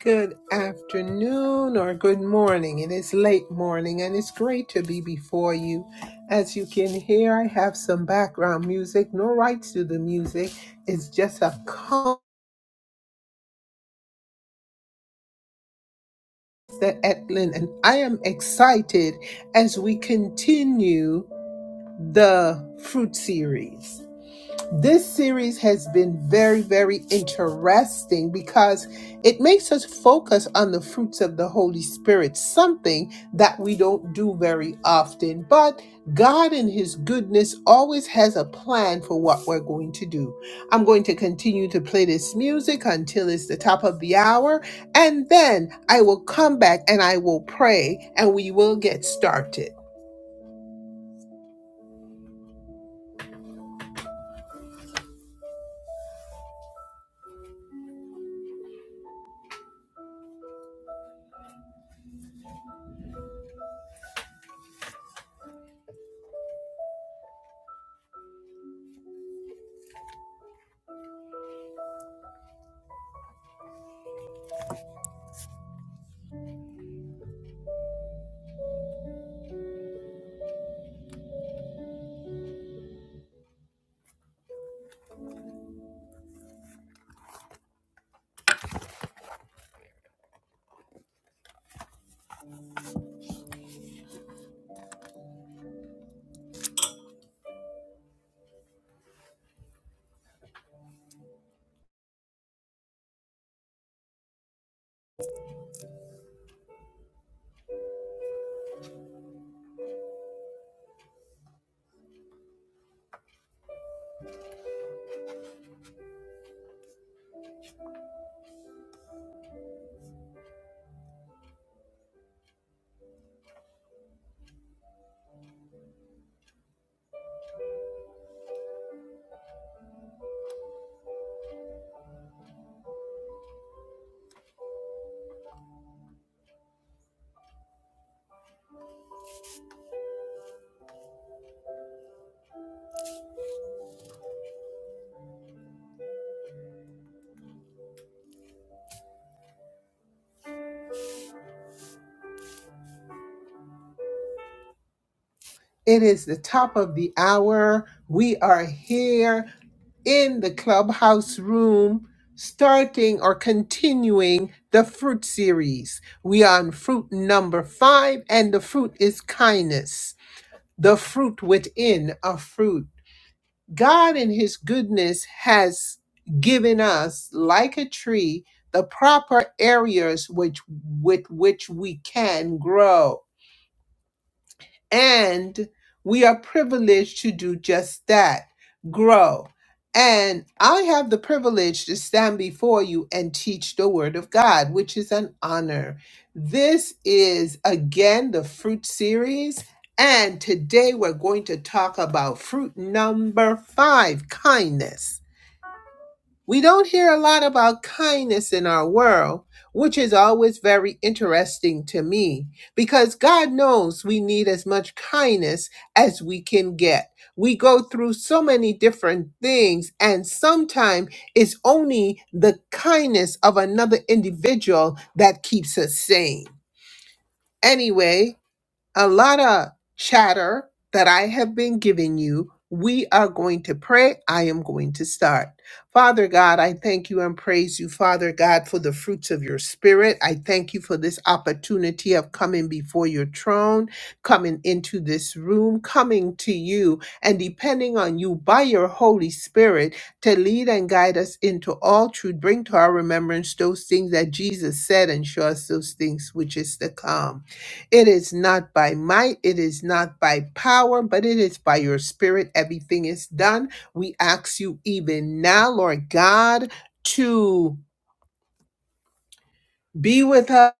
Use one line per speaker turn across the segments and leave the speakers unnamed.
Good afternoon or good morning. It is late morning and it's great to be before you. As you can hear, I have some background music, no rights to the music. It's just a constant etlin, and I am excited as we continue the fruit series. This series has been very, very interesting because it makes us focus on the fruits of the Holy Spirit, something that we don't do very often. But God, in His goodness, always has a plan for what we're going to do. I'm going to continue to play this music until it's the top of the hour, and then I will come back and I will pray and we will get started. It is the top of the hour. We are here in the clubhouse room, starting or continuing the fruit series. We are on fruit number five, and the fruit is kindness, the fruit within a fruit. God, in His goodness, has given us, like a tree, the proper areas which, with which we can grow and we are privileged to do just that grow. And I have the privilege to stand before you and teach the Word of God, which is an honor. This is again the fruit series. And today we're going to talk about fruit number five kindness we don't hear a lot about kindness in our world, which is always very interesting to me because God knows we need as much kindness as we can get. We go through so many different things, and sometimes it's only the kindness of another individual that keeps us sane. Anyway, a lot of chatter that I have been giving you. We are going to pray. I am going to start. Father God, I thank you and praise you, Father God, for the fruits of your spirit. I thank you for this opportunity of coming before your throne, coming into this room, coming to you, and depending on you by your Holy Spirit to lead and guide us into all truth. Bring to our remembrance those things that Jesus said and show us those things which is to come. It is not by might, it is not by power, but it is by your spirit. Everything is done. We ask you even now, Lord God, to be with us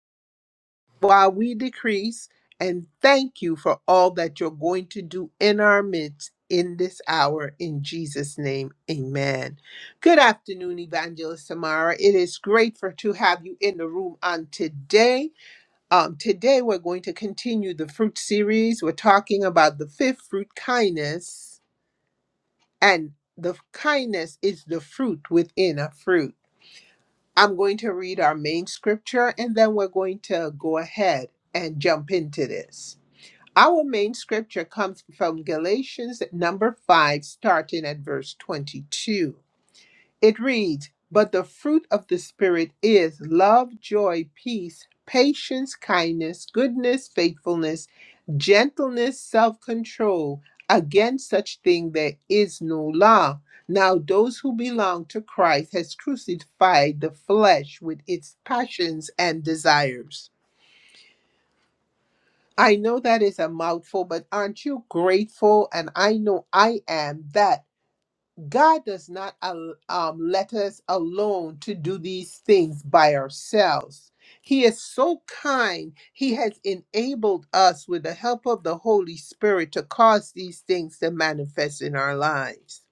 while we decrease. And thank you for all that you're going to do in our midst in this hour. In Jesus' name, amen. Good afternoon, Evangelist Samara. It is great for to have you in the room on today. Um, today, we're going to continue the fruit series. We're talking about the fifth fruit, kindness, and the kindness is the fruit within a fruit. I'm going to read our main scripture and then we're going to go ahead and jump into this. Our main scripture comes from Galatians number 5, starting at verse 22. It reads, But the fruit of the Spirit is love, joy, peace, patience, kindness, goodness, faithfulness, gentleness, self control. Against such thing there is no law. Now those who belong to Christ has crucified the flesh with its passions and desires. I know that is a mouthful, but aren't you grateful? And I know I am that God does not al- um, let us alone to do these things by ourselves. He is so kind. He has enabled us with the help of the Holy Spirit to cause these things to manifest in our lives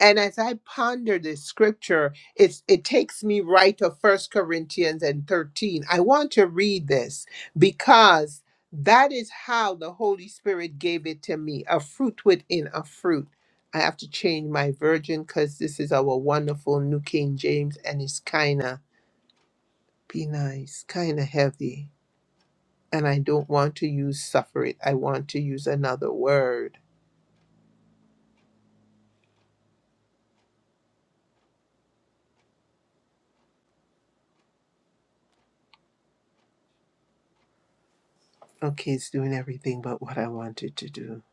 and as i ponder this scripture it's, it takes me right to first corinthians and 13 i want to read this because that is how the holy spirit gave it to me a fruit within a fruit i have to change my version because this is our wonderful new king james and it's kind of be nice kind of heavy and i don't want to use suffer it i want to use another word okay it's doing everything but what i wanted to do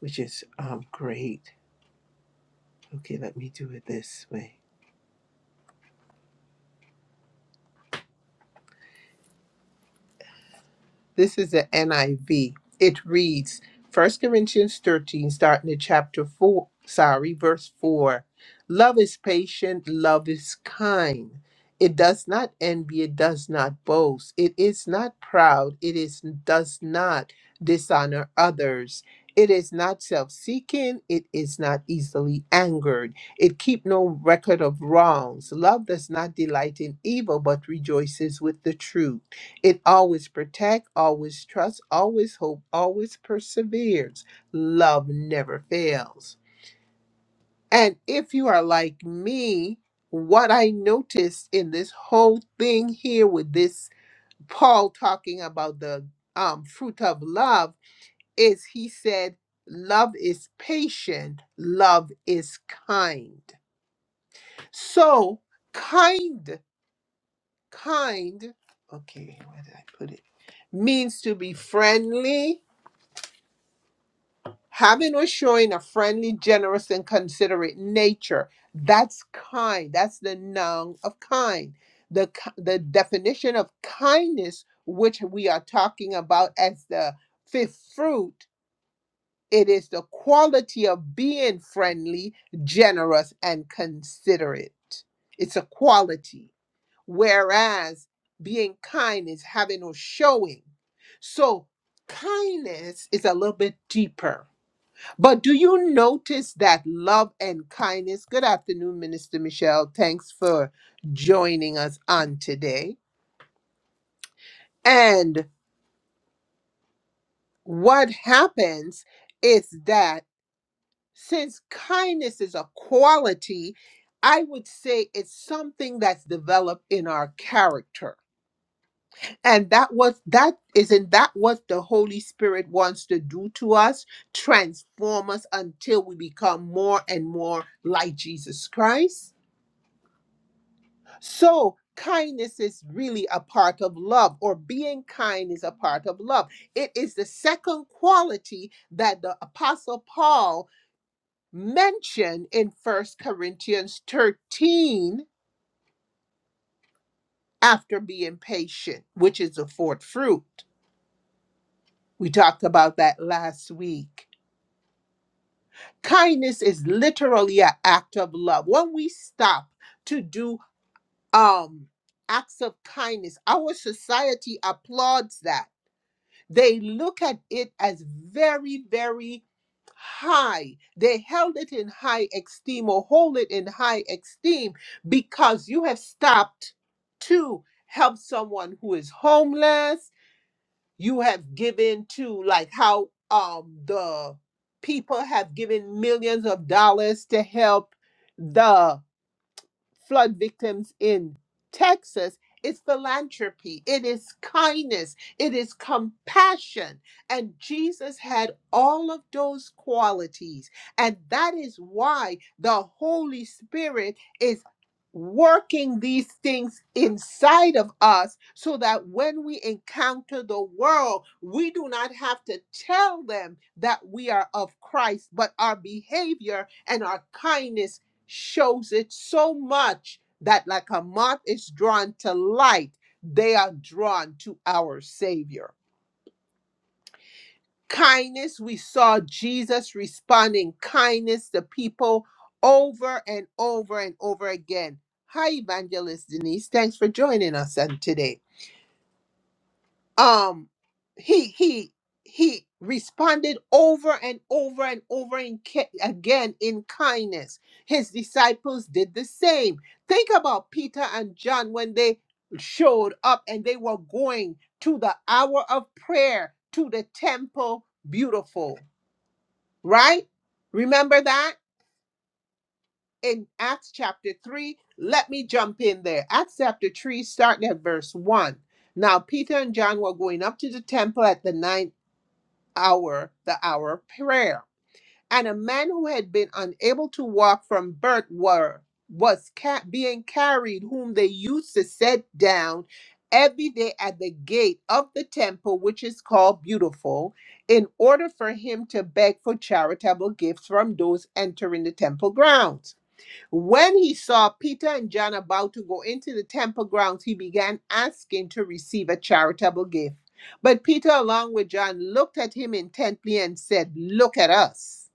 which is um, great Okay, let me do it this way. This is the NIV. It reads First Corinthians 13, starting at chapter 4, sorry, verse 4. Love is patient, love is kind. It does not envy, it does not boast, it is not proud, it is does not dishonor others. It is not self-seeking, it is not easily angered. It keep no record of wrongs. Love does not delight in evil, but rejoices with the truth. It always protect, always trust, always hope, always perseveres. Love never fails. And if you are like me, what I noticed in this whole thing here with this Paul talking about the um, fruit of love is he said, Love is patient, love is kind. So, kind, kind, okay, where did I put it? Means to be friendly, Having or showing a friendly, generous, and considerate nature. That's kind. That's the noun of kind. The, ki- the definition of kindness, which we are talking about as the fifth fruit, it is the quality of being friendly, generous, and considerate. It's a quality. Whereas being kind is having or showing. So kindness is a little bit deeper but do you notice that love and kindness? Good afternoon, Minister Michelle. Thanks for joining us on today. And what happens is that since kindness is a quality, I would say it's something that's developed in our character. And that was that isn't that what the Holy Spirit wants to do to us? Transform us until we become more and more like Jesus Christ. So, kindness is really a part of love, or being kind is a part of love. It is the second quality that the Apostle Paul mentioned in First Corinthians 13 after being patient, which is the fourth fruit. We talked about that last week. Kindness is literally an act of love. When we stop to do um acts of kindness, our society applauds that They look at it as very, very high. They held it in high esteem or hold it in high esteem because you have stopped to help someone who is homeless. You have given to like how um the people have given millions of dollars to help the flood victims in Texas is philanthropy, it is kindness, it is compassion. And Jesus had all of those qualities. And that is why the Holy Spirit is working these things inside of us so that when we encounter the world, we do not have to tell them that we are of Christ, but our behavior and our kindness shows it so much that, like a moth is drawn to light, they are drawn to our Savior. Kindness, we saw Jesus responding kindness to people over and over and over again. Hi, Evangelist Denise. Thanks for joining us on today. um he he he responded over and over and over in, ca- again in kindness his disciples did the same think about peter and john when they showed up and they were going to the hour of prayer to the temple beautiful right remember that in acts chapter 3 let me jump in there acts chapter 3 starting at verse 1 now Peter and John were going up to the temple at the ninth hour the hour of prayer. And a man who had been unable to walk from birth were was ca- being carried, whom they used to set down every day at the gate of the temple, which is called Beautiful, in order for him to beg for charitable gifts from those entering the temple grounds. When he saw Peter and John about to go into the temple grounds, he began asking to receive a charitable gift. But Peter, along with John, looked at him intently and said, Look at us.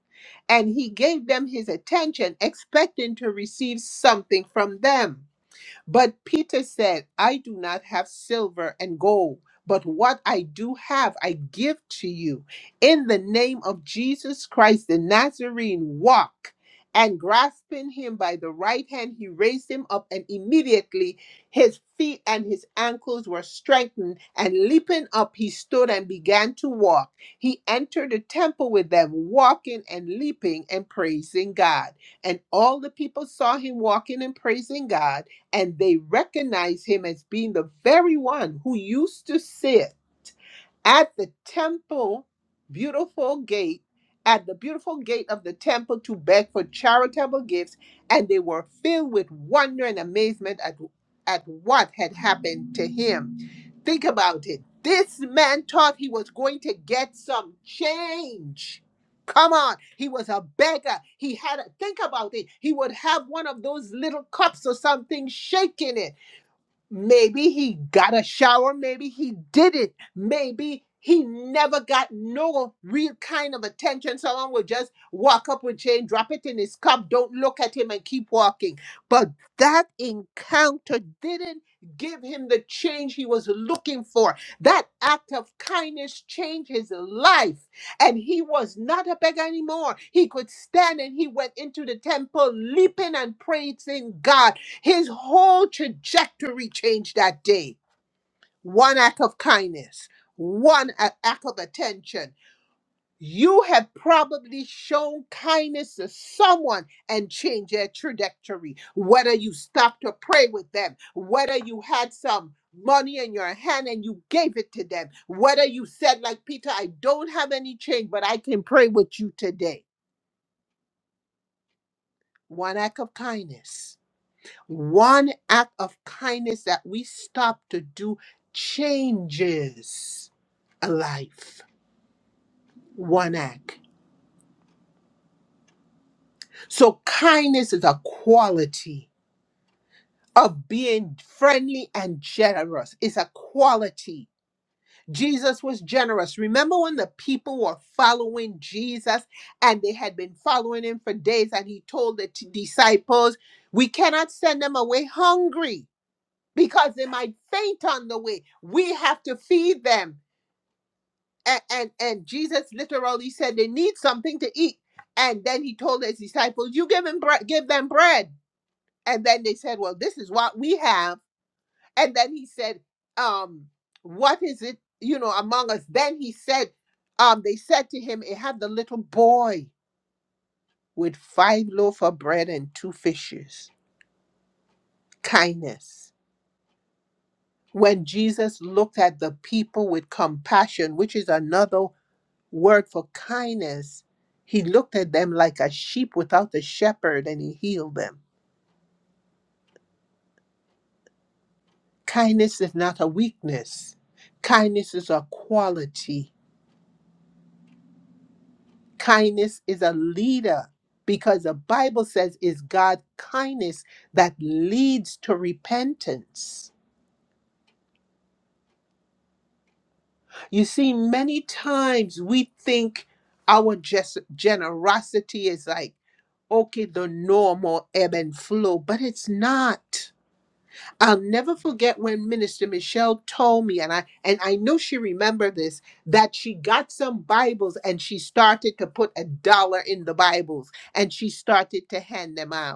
And he gave them his attention, expecting to receive something from them. But Peter said, I do not have silver and gold, but what I do have, I give to you. In the name of Jesus Christ the Nazarene, walk. And grasping him by the right hand, he raised him up, and immediately his feet and his ankles were strengthened. And leaping up, he stood and began to walk. He entered the temple with them, walking and leaping and praising God. And all the people saw him walking and praising God and they recognize him as being the very one who used to sit at the temple, beautiful gate, at the beautiful gate of the temple to beg for charitable gifts, and they were filled with wonder and amazement at, at what had happened to him. Think about it. This man thought he was going to get some change. Come on, he was a beggar. He had a think about it. He would have one of those little cups or something shaking it Maybe he got a shower, maybe he didn't. Maybe he never got no real kind of attention. Someone would just walk up with Jane, drop it in his cup, don't look at him, and keep walking. But that encounter didn't give him the change he was looking for. That act of kindness changed his life, and he was not a beggar anymore. He could stand and he went into the temple leaping and praising God his whole trajectory changed that day. One act of kindness, one a- act of attention. You have probably shown kindness to someone and changed their trajectory. Whether you stopped to pray with them, whether you had some money in your hand and you gave it to them, whether you said, like Peter, I don't have any change, but I can pray with you today. One act of kindness. One act of kindness that we stop to do changes a life. One act. So, kindness is a quality of being friendly and generous, it's a quality. Jesus was generous. Remember when the people were following Jesus and they had been following him for days, and he told the t- disciples, We cannot send them away hungry because they might faint on the way. We have to feed them. and, and and Jesus literally said they need something to eat. And then he told his disciples, "You give them bread." give them bread." And then they said, "Well, this is what we have." And then he said, um, "What is it, you know, among us?" Then he said, um, they said to him, "It had the little boy with five loaf of bread and two fishes." Kindness. When Jesus looked at the people with compassion, which is another word for kindness, he looked at them like a sheep without a shepherd and he healed them. Kindness is not a weakness, kindness is a quality. Kindness is a leader because the Bible says it's God's kindness that leads to repentance. You see, many times we think our ges- generosity is like, okay, the normal ebb and flow, but it's not I'll never forget when Minister Michelle told me, and I and I know she remembered this, that she got some Bibles and she started to put a dollar in the Bibles and she started to hand them out.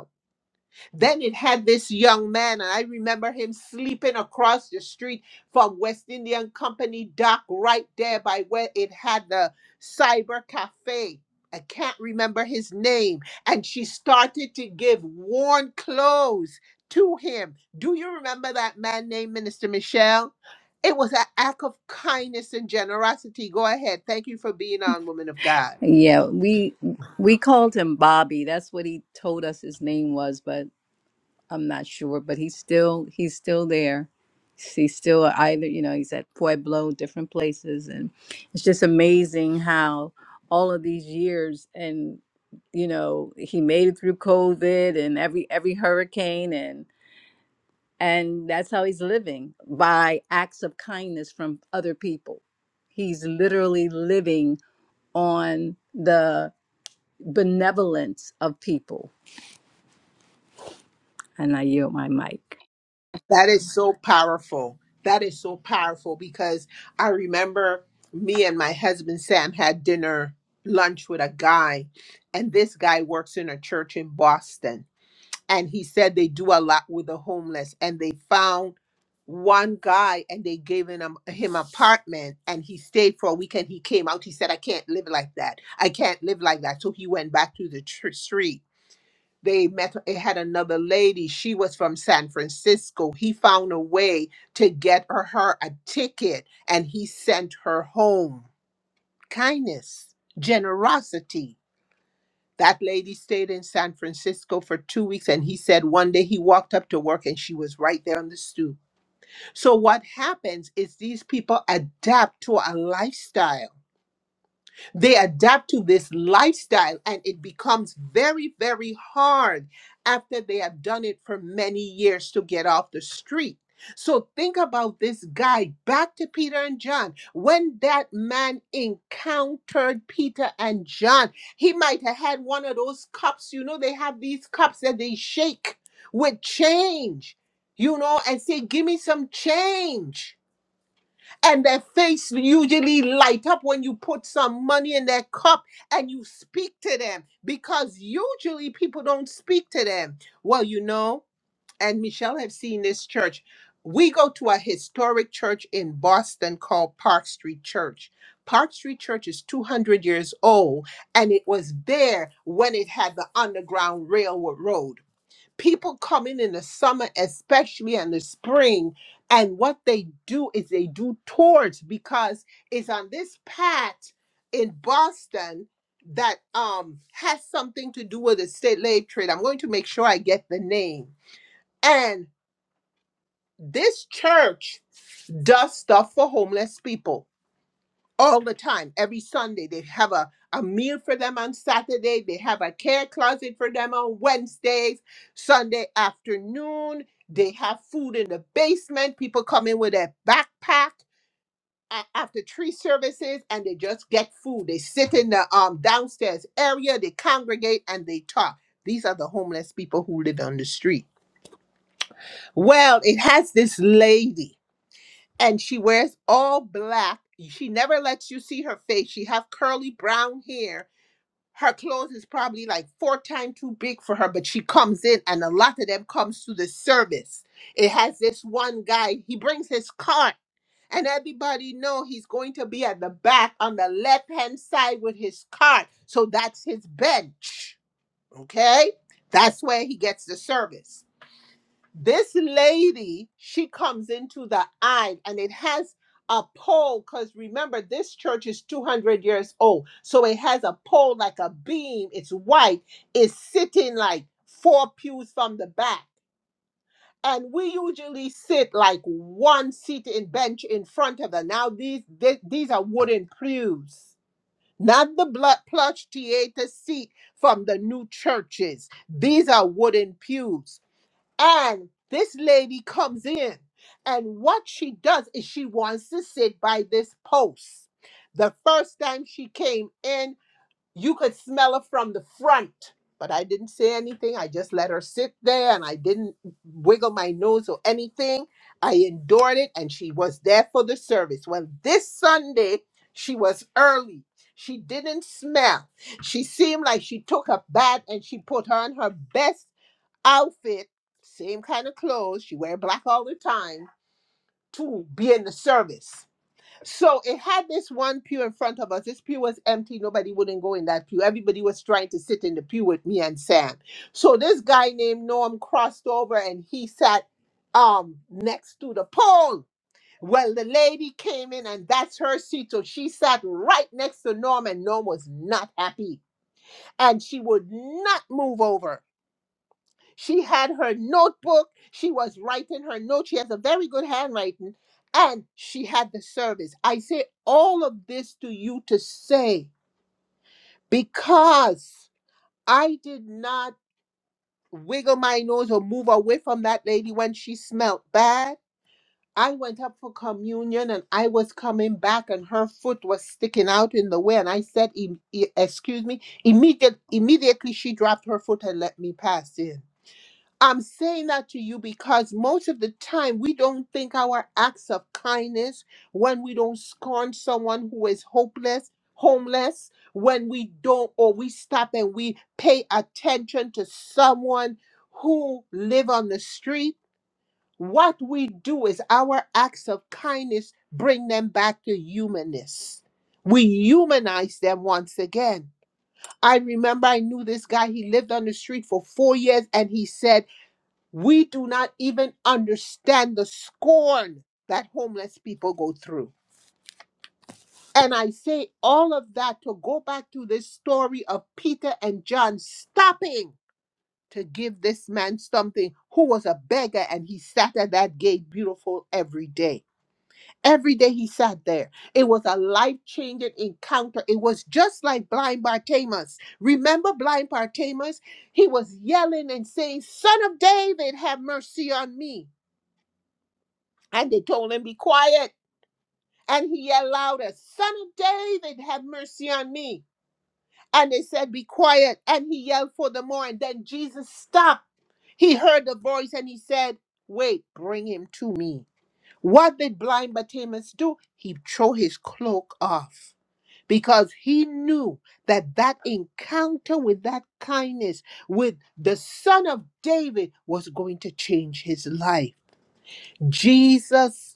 Then it had this young man, and I remember him sleeping across the street from West Indian Company dock right there by where it had the cyber cafe. I can't remember his name. And she started to give worn clothes to him. Do you remember that man named Minister Michelle? It was an act of kindness and generosity. Go ahead. Thank you for being on, woman of God.
Yeah, we we called him Bobby. That's what he told us his name was, but I'm not sure. But he's still he's still there. He's still either you know he's at Pueblo, different places, and it's just amazing how all of these years and you know he made it through COVID and every every hurricane and and that's how he's living by acts of kindness from other people. He's literally living on the benevolence of people. And I yield my mic.
That is so powerful. That is so powerful because I remember me and my husband Sam had dinner, lunch with a guy, and this guy works in a church in Boston. And he said they do a lot with the homeless. And they found one guy and they gave him him apartment and he stayed for a week and he came out. He said, I can't live like that. I can't live like that. So he went back to the tr- street they met it had another lady she was from san francisco he found a way to get her, her a ticket and he sent her home kindness generosity that lady stayed in san francisco for two weeks and he said one day he walked up to work and she was right there on the stoop so what happens is these people adapt to a lifestyle they adapt to this lifestyle and it becomes very, very hard after they have done it for many years to get off the street. So think about this guy back to Peter and John. When that man encountered Peter and John, he might have had one of those cups. You know, they have these cups that they shake with change, you know, and say, Give me some change and their face usually light up when you put some money in their cup and you speak to them because usually people don't speak to them well you know and michelle have seen this church we go to a historic church in boston called park street church park street church is 200 years old and it was there when it had the underground railroad people come in in the summer, especially in the spring, and what they do is they do tours because it's on this path in Boston that um has something to do with the state slave trade. I'm going to make sure I get the name. And this church does stuff for homeless people all the time every sunday they have a, a meal for them on saturday they have a care closet for them on wednesdays sunday afternoon they have food in the basement people come in with a backpack a- after tree services and they just get food they sit in the um, downstairs area they congregate and they talk these are the homeless people who live on the street well it has this lady and she wears all black. She never lets you see her face. She have curly brown hair. Her clothes is probably like four times too big for her, but she comes in and a lot of them comes to the service. It has this one guy, he brings his cart and everybody know he's going to be at the back on the left-hand side with his cart. So that's his bench. Okay? That's where he gets the service this lady she comes into the aisle, and it has a pole because remember this church is 200 years old so it has a pole like a beam it's white it's sitting like four pews from the back and we usually sit like one seat in bench in front of her now these thi- these are wooden pews not the blood plush theater seat from the new churches these are wooden pews and this lady comes in, and what she does is she wants to sit by this post. The first time she came in, you could smell her from the front, but I didn't say anything. I just let her sit there and I didn't wiggle my nose or anything. I endured it, and she was there for the service. Well, this Sunday, she was early. She didn't smell. She seemed like she took her bath and she put on her best outfit, same kind of clothes. She wear black all the time to be in the service. So it had this one pew in front of us. This pew was empty. Nobody wouldn't go in that pew. Everybody was trying to sit in the pew with me and Sam. So this guy named Norm crossed over and he sat um next to the pole. Well, the lady came in and that's her seat. So she sat right next to Norm and Norm was not happy. And she would not move over. She had her notebook. She was writing her notes. She has a very good handwriting. And she had the service. I say all of this to you to say because I did not wiggle my nose or move away from that lady when she smelt bad. I went up for communion and I was coming back and her foot was sticking out in the way. And I said, "Em- e- Excuse me. Immediate, immediately she dropped her foot and let me pass in. I'm saying that to you because most of the time we don't think our acts of kindness when we don't scorn someone who is hopeless, homeless, when we don't or we stop and we pay attention to someone who live on the street. What we do is our acts of kindness bring them back to humanness. We humanize them once again. I remember I knew this guy. He lived on the street for four years and he said, we do not even understand the scorn that homeless people go through. And I say all of that to go back to this story of Peter and John stopping to give this man something who was a beggar and he sat at that gate beautiful every day. Every day he sat there. It was a life changing encounter. It was just like blind Bartimaeus. Remember blind Bartimaeus? He was yelling and saying, Son of David, have mercy on me. And they told him, Be quiet. And he yelled louder, Son of David, have mercy on me. And they said, Be quiet. And he yelled for the more. And then Jesus stopped. He heard the voice and he said, Wait, bring him to me. What did blind Bartimaeus do? He threw his cloak off because he knew that that encounter with that kindness with the son of david was going to change his life jesus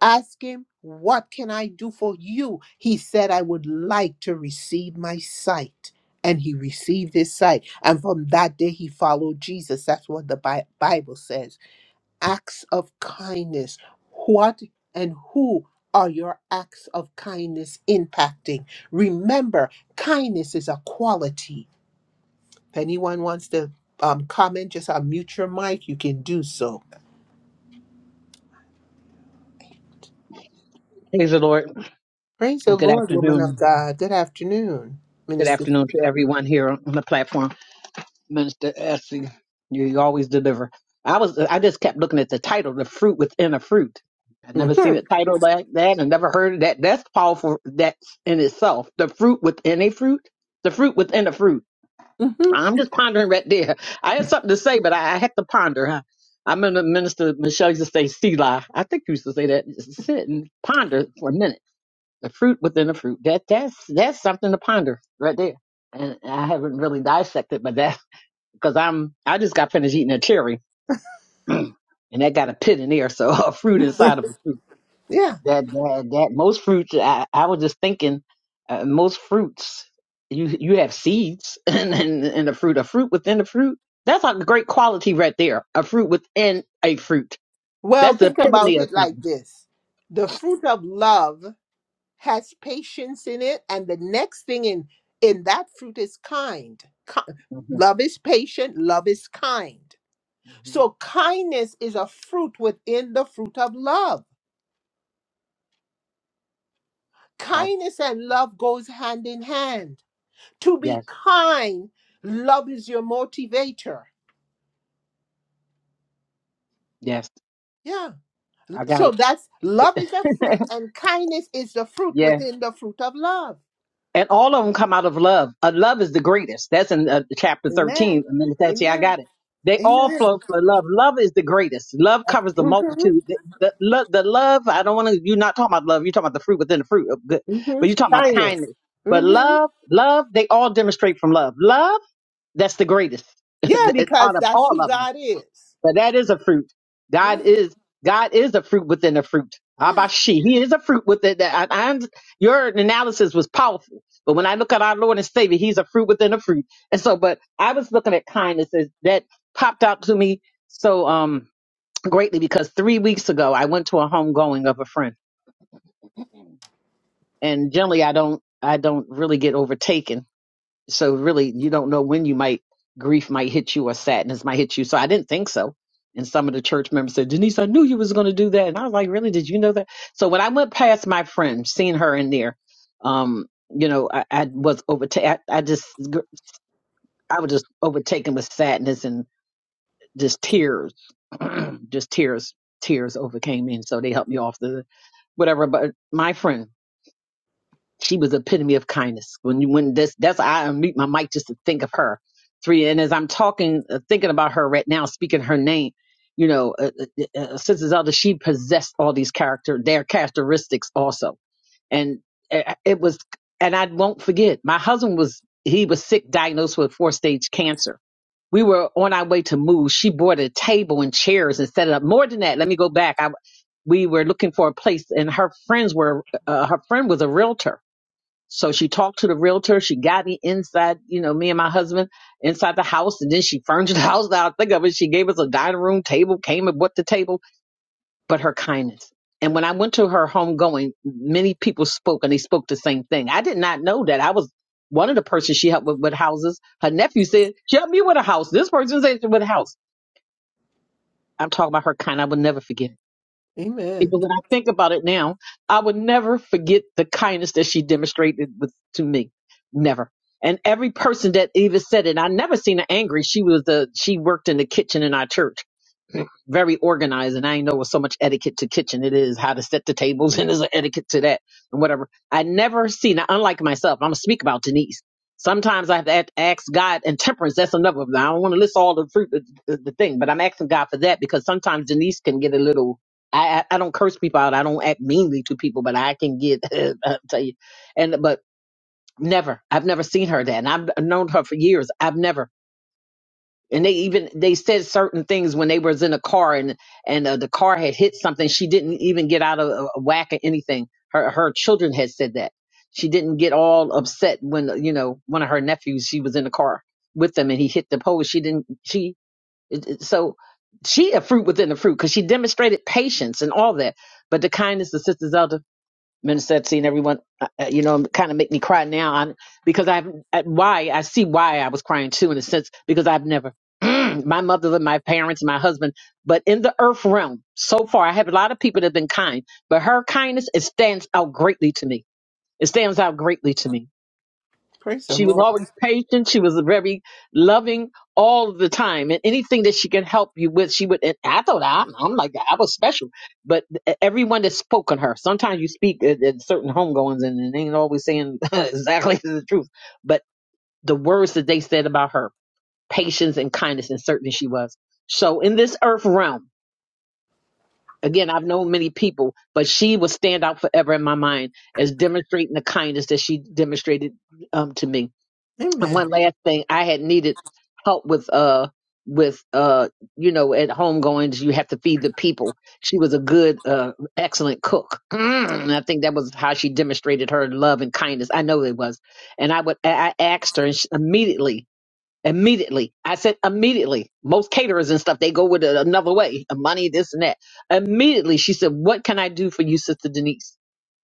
Ask him, What can I do for you? He said, I would like to receive my sight. And he received his sight. And from that day, he followed Jesus. That's what the Bi- Bible says. Acts of kindness. What and who are your acts of kindness impacting? Remember, kindness is a quality. If anyone wants to um, comment, just unmute your mic. You can do so.
Praise the Lord.
Praise the
Good
Lord, woman of
afternoon.
God. Good afternoon,
Good
Minister.
afternoon to everyone here on the platform. Minister Essie, you, you always deliver. I was I just kept looking at the title, The Fruit Within a Fruit. I
Mhm.
never seen a title like that and never heard of that. That's powerful that's in itself. The fruit within a fruit. The fruit within a fruit.
hmm
I'm just pondering right there. I had something to say, but I, I had to ponder. I, I remember Minister Michelle used to say Selah. I think you used to say that. Just Sit and ponder for a minute The fruit within the fruit. That that's that's something to ponder right there. And I haven't really dissected, but that because I'm I just got finished eating a cherry, and that got a pit in there, so a fruit inside of it.
Yeah.
That that that most fruits. I I was just thinking, uh, most fruits you you have seeds and and and a fruit, a fruit within the fruit. That's like a great quality right there. A fruit within a fruit.
Well,
That's the
think about
epitome of
it like
something.
this the fruit of love has patience in it, and the next thing in, in that fruit is kind. Ki-
hmm
Love is patient, love is kind.
hmm
So, kindness is a fruit within the fruit of love.
Wow.
Kindness and love goes hand in hand. To be
Yes.
kind, love is your motivator.
Yes.
Yeah.
I got
So that's love is a
it.
fruit and kindness is the fruit
yeah.
within the fruit of love.
And all of them come out of love. Uh, love is the greatest. That's in uh, chapter
Amen.
13. I mean, that's, yeah, I
Amen.
got it. They all
Amen.
flow for love. Love is the greatest. Love covers the
Mm-hmm.
multitude. The, the, lo- the love, I don't want to, you're not talking about love. You're talking about the fruit within the fruit. of good.
Mm-hmm.
But you're talking about
Kindness.
kindness. But
Mm-hmm.
love, love, they all demonstrate from love. Love, that's the greatest
Yeah, because
out of
that's
all
who
of them.
God is.
But that is a fruit. God
Yeah.
is God is a fruit within a fruit.
Yeah.
Abashi. He is a fruit within that. I, I, your analysis was powerful. But when I look at our Lord and Savior, he's a fruit within a fruit. And so, but I was looking at kindness as that popped out to me so um greatly because three weeks ago I went to a homegoing of a friend. And generally I don't I don't really get overtaken so really, you don't know when you might grief might hit you or sadness might hit you. So I didn't think so. And some of the church members said, Denise, I knew you was going to do that. And I was like, really? Did you know that? So when I went past my friend, seeing her in there, um, you know, I, I was overtaken. I, I just, I was just overtaken with sadness and just tears, just tears, tears overcame me. And so they helped me off the whatever. But my friend, she was epitome of kindness. When you when this that's I unmute my mic just to think of her. Three and as I'm talking, uh, thinking about her right now, speaking her name, you know, uh, uh, uh, uh, Sister Zelda, she possessed all these character, their characteristics also, and uh, it was, and I won't forget. My husband was he was sick, diagnosed with four stage cancer. We were on our way to move. She bought a table and chairs and set it up. More than that, let me go back. I, we were looking for a place, and her friends were uh, her friend was a realtor so she talked to the realtor. She got me inside, you know, me and my husband inside the house. And then she furnished the house Now I think of it. She gave us a dining room table, came and bought the table, but her kindness. And when I went to her home going, many people spoke and they spoke the same thing. I did not know that. I was one of the persons she helped with, with houses. Her nephew said, she helped me with a house. This person said she with a house. I'm talking about her kind. I will never forget.
Amen.
Because when I think about it now, I would never forget the kindness that she demonstrated with, to me. Never. And every person that even said it, I never seen her angry. She was the she worked in the kitchen in our church very organized and I ain't know what so much etiquette to kitchen it is, how to set the tables and there's an etiquette to that and whatever. I never see now unlike myself, I'm gonna speak about Denise. Sometimes I have to ask ask God and temperance. That's another of them. I don't want to list all the fruit, the, the the thing, but I'm asking God for that because sometimes Denise can get a little. I, I I don't curse people out. I don't act meanly to people, but I can get. I'll tell you, and but never. I've never seen her that, and I've known her for years. I've never and they even they said certain things when they was in a car and and uh, the car had hit something she didn't even get out of uh, whack or anything her her children had said that she didn't get all upset when you know one of her nephews she was in the car with them and he hit the pole she didn't she it, it- so she a fruit within the fruit because she demonstrated patience and all that but the kindness of sisters Minister Epstein, everyone, uh, uh, you know, kind of make me cry now i because I've uh, why I see why I was crying too in a sense because I've never my mother and my parents my husband, but in the earth realm so far I have a lot of people that have been kind, but her kindness it stands out greatly to me. It stands out greatly to me
Praise the
she was
Lord.
always patient. She was very loving all the time, and anything that she could help you with, she would. And I thought I'm, I'm like that. I was special, but everyone that spoke on her. Sometimes you speak at, at certain homegoings, and it ain't always saying exactly the truth. But the words that they said about her patience and kindness, and certainty she was. So in this earth realm, again, I've known many people, but she will stand out forever in my mind as demonstrating the kindness that she demonstrated um, to me. And one
Amen.
last thing, I had needed help with uh with uh you know at home goings you have to feed the people. She was a good uh excellent cook. Mm, and I think that was how she demonstrated her love and kindness. I know it was. And I would I I asked her and she, immediately Immediately. I said immediately. Most caterers and stuff, they go with it another way. Money, this and that. Immediately, she said, What can I do for you, Sister Denise?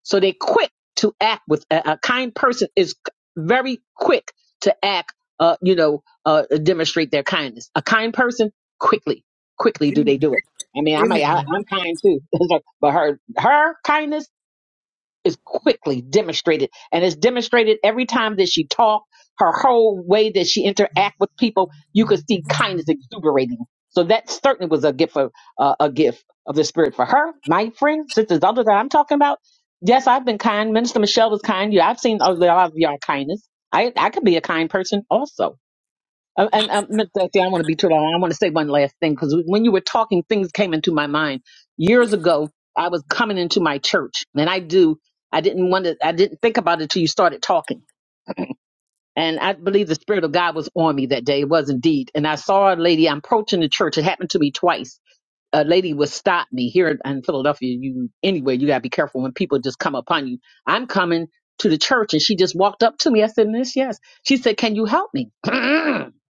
So they quick to act with a, a kind person is very quick to act, uh, you know, uh, demonstrate their kindness. A kind person, quickly, quickly do
Amen.
they do it. I mean, I might, I,
Amen.
I'm kind too, but her, her kindness is quickly demonstrated and it's demonstrated every time that she talked her whole way that she interact with people you could see kindness exuberating so that certainly was a gift of uh, a gift of the spirit for her my friend sisters other that i'm talking about yes i've been kind minister michelle was kind yeah i've seen a lot of y'all kindness i i could be a kind person also uh, And um, Miss Dusty, I want to be too long. I want to say one last thing because when you were talking, things came into my mind. Years ago, I was coming into my church, and I do. I didn't want to. I didn't think about it till you started talking, and I believe the spirit of God was on me that day. It was indeed, and I saw a lady. I'm approaching the church. It happened to me twice. A lady would stop me here in Philadelphia. You anyway, you gotta be careful when people just come upon you. I'm coming to the church, and she just walked up to me. I said, Miss, yes. She said, Can you help me?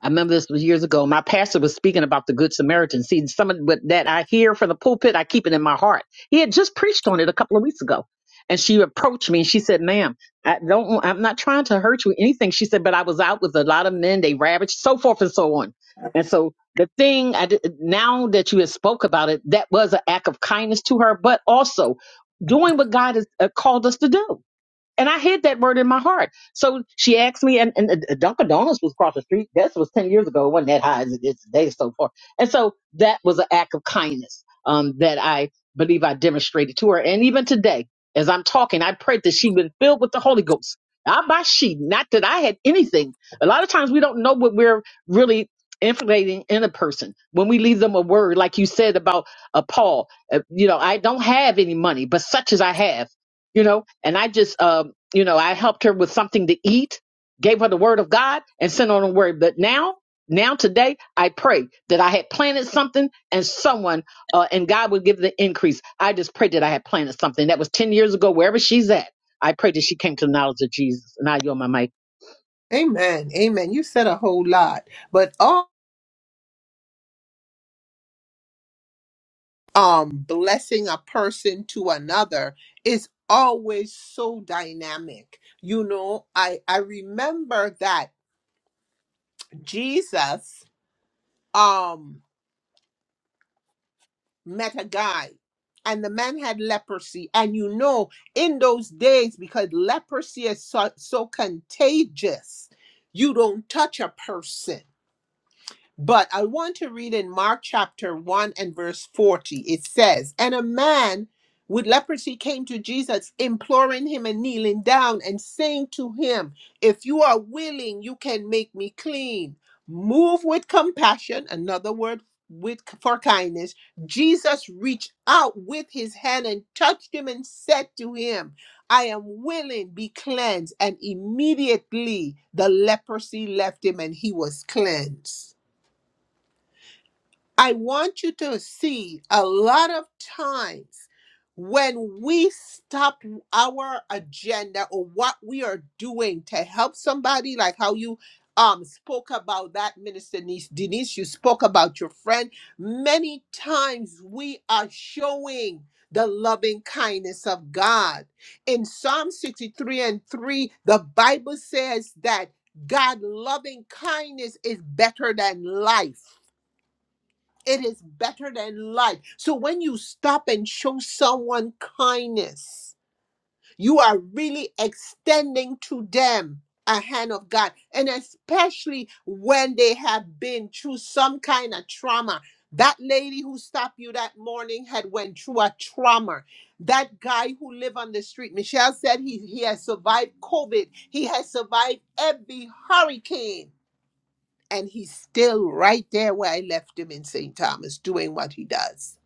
I remember this was years ago. My pastor was speaking about the Good Samaritan. See, some of what that I hear from the pulpit, I keep it in my heart. He had just preached on it a couple of weeks ago. And she approached me and she said, ma'am, I don't, I'm not trying to hurt you or anything. She said, but I was out with a lot of men. They ravaged, so forth and so on. And so the thing I did, now that you have spoke about it, that was an act of kindness to her, but also doing what God has uh, called us to do and I hid that word in my heart. So she asked me, and, and uh, Dunkin' Donuts was across the street. This was 10 years ago. It wasn't that high as it is today, so far. And so that was an act of kindness um, that I believe I demonstrated to her. And even today, as I'm talking, I prayed that she would be filled with the Holy Ghost. Not by she, not that I had anything. A lot of times we don't know what we're really inflating in a person when we leave them a word, like you said about uh, Paul. Uh, you know, I don't have any money, but such as I have you know and i just um you know, I helped her with something to eat, gave her the word of God, and sent her on her way. But now, now today, I pray that I had planted something and someone, uh, and God would give the increase. I just pray that I had planted something. That was 10 years ago, wherever she's at. I pray that she came to the knowledge of Jesus. And I yield my mic.
Amen. Amen. You said a whole lot, but all um blessing a person to another is always so dynamic. You know, I I remember that Jesus um met a guy and the man had leprosy and you know in those days because leprosy is so, so contagious you don't touch a person but I want to read in Mark chapter 1 and verse 40. It says, And a man with leprosy came to Jesus, imploring him and kneeling down and saying to him, 'If you are willing, you can make me clean. Move with compassion, another word with for kindness. Jesus reached out with his hand and touched him and said to him, 'I am willing, be cleansed. And immediately the leprosy left him and he was cleansed. I want you to see a lot of times when we stop our agenda or what we are doing to help somebody, like how you um spoke about that minister Denise, Denise, you spoke about your friend. Many times we are showing the loving kindness of God. In Psalm 63 and 3, the Bible says that God loving kindness is better than life. It is better than life. So when you stop and show someone kindness, you are really extending to them a hand of God. And especially when they have been through some kind of trauma. That lady who stopped you that morning had went through a trauma. That guy who lived on the street, Michelle said he, he has survived COVID. He has survived every hurricane and he's still right there where I left him in St. Thomas doing what he does.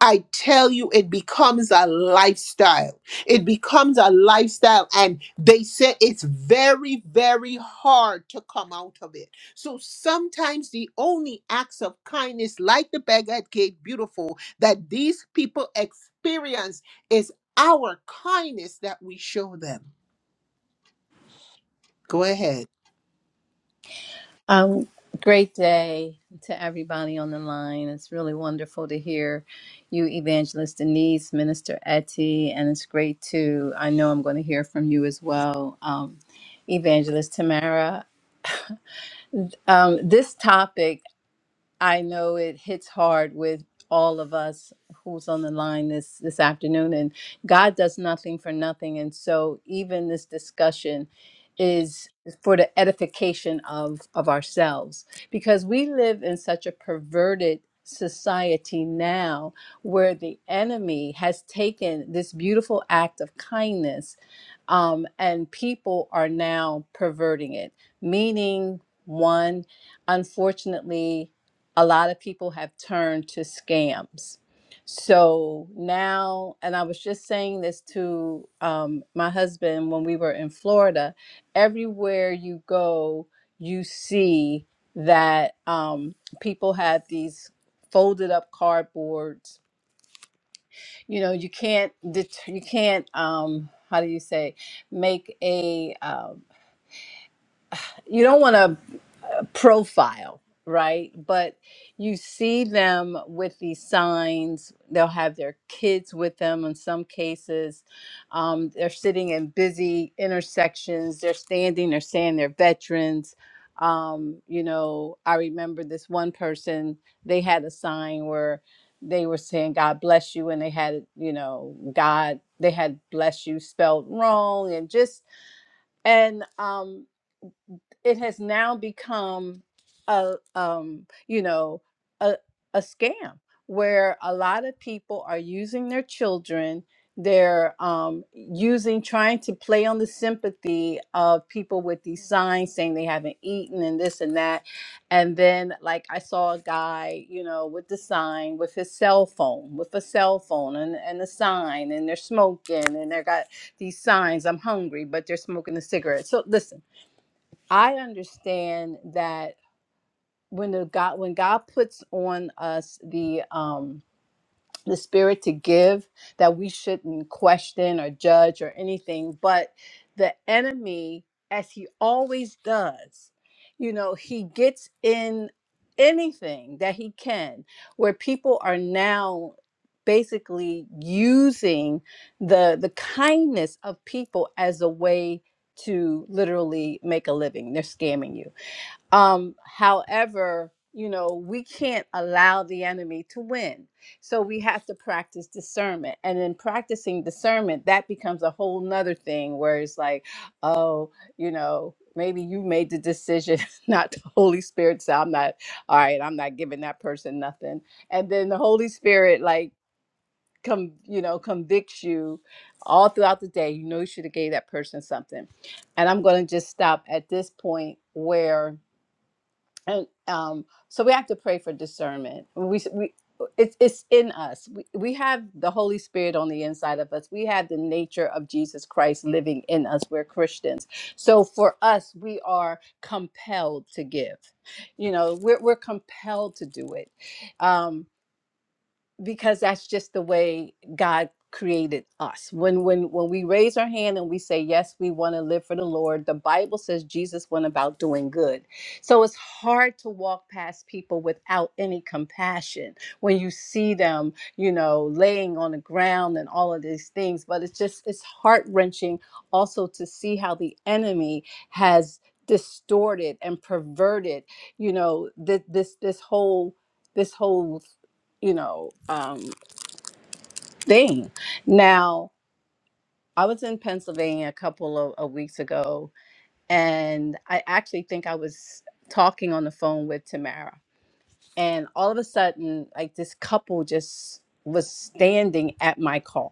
I tell you, it becomes a lifestyle. It becomes a lifestyle, and they say it's very, very hard to come out of it. So sometimes the only acts of kindness, like the beggar at Gate Beautiful, that these people experience is our kindness that we show them. Go ahead.
Um, great day to everybody on the line. It's really wonderful to hear you, Evangelist Denise, Minister Etty, and it's great to, I know I'm going to hear from you as well, um, Evangelist Tamara. Um, this topic. I know it hits hard with all of us who's on the line this this afternoon and God does nothing for nothing and so even this discussion is for the edification of of ourselves because we live in such a perverted society now where the enemy has taken this beautiful act of kindness um, and people are now perverting it meaning one unfortunately a lot of people have turned to scams. So now, and I was just saying this to um, my husband when we were in Florida, everywhere you go, you see that um, people had these folded up cardboards. You know, you can't, det- you can't, um, how do you say, make a, um, you don't want to profile, right? But you see them with these signs. They'll have their kids with them in some cases. Um, they're sitting in busy intersections. They're standing, they're saying they're veterans. Um, you know, I remember this one person, they had a sign where they were saying, God bless you. And they had, you know, God, they had bless you spelled wrong and just, and um, it has now become a um you know a a scam where a lot of people are using their children they're um, using trying to play on the sympathy of people with these signs saying they haven't eaten and this and that and then like i saw a guy you know with the sign with his cell phone with a cell phone and, and a sign and they're smoking and they got these signs i'm hungry but they're smoking a cigarette so listen I understand that when the God when God puts on us the um the spirit to give that we shouldn't question or judge or anything but the enemy as he always does you know he gets in anything that he can where people are now basically using the the kindness of people as a way to literally make a living they're scamming you um, however, you know, we can't allow the enemy to win. So we have to practice discernment. And in practicing discernment, that becomes a whole nother thing where it's like, oh, you know, maybe you made the decision not the Holy Spirit. So I'm not, all right, I'm not giving that person nothing. And then the Holy Spirit, like, come, you know, convicts you all throughout the day. You know, you should have gave that person something. And I'm going to just stop at this point where and um, so we have to pray for discernment. We we it's it's in us. We we have the Holy Spirit on the inside of us. We have the nature of Jesus Christ living in us. We're Christians, so for us, we are compelled to give. You know, we're we're compelled to do it. Um, because that's just the way God created us. When when when we raise our hand and we say yes, we want to live for the Lord, the Bible says Jesus went about doing good. So it's hard to walk past people without any compassion when you see them, you know, laying on the ground and all of these things, but it's just it's heart-wrenching also to see how the enemy has distorted and perverted, you know, th- this this whole this whole you know, um, thing. Now, I was in Pennsylvania a couple of, of weeks ago, and I actually think I was talking on the phone with Tamara. And all of a sudden, like this couple just was standing at my car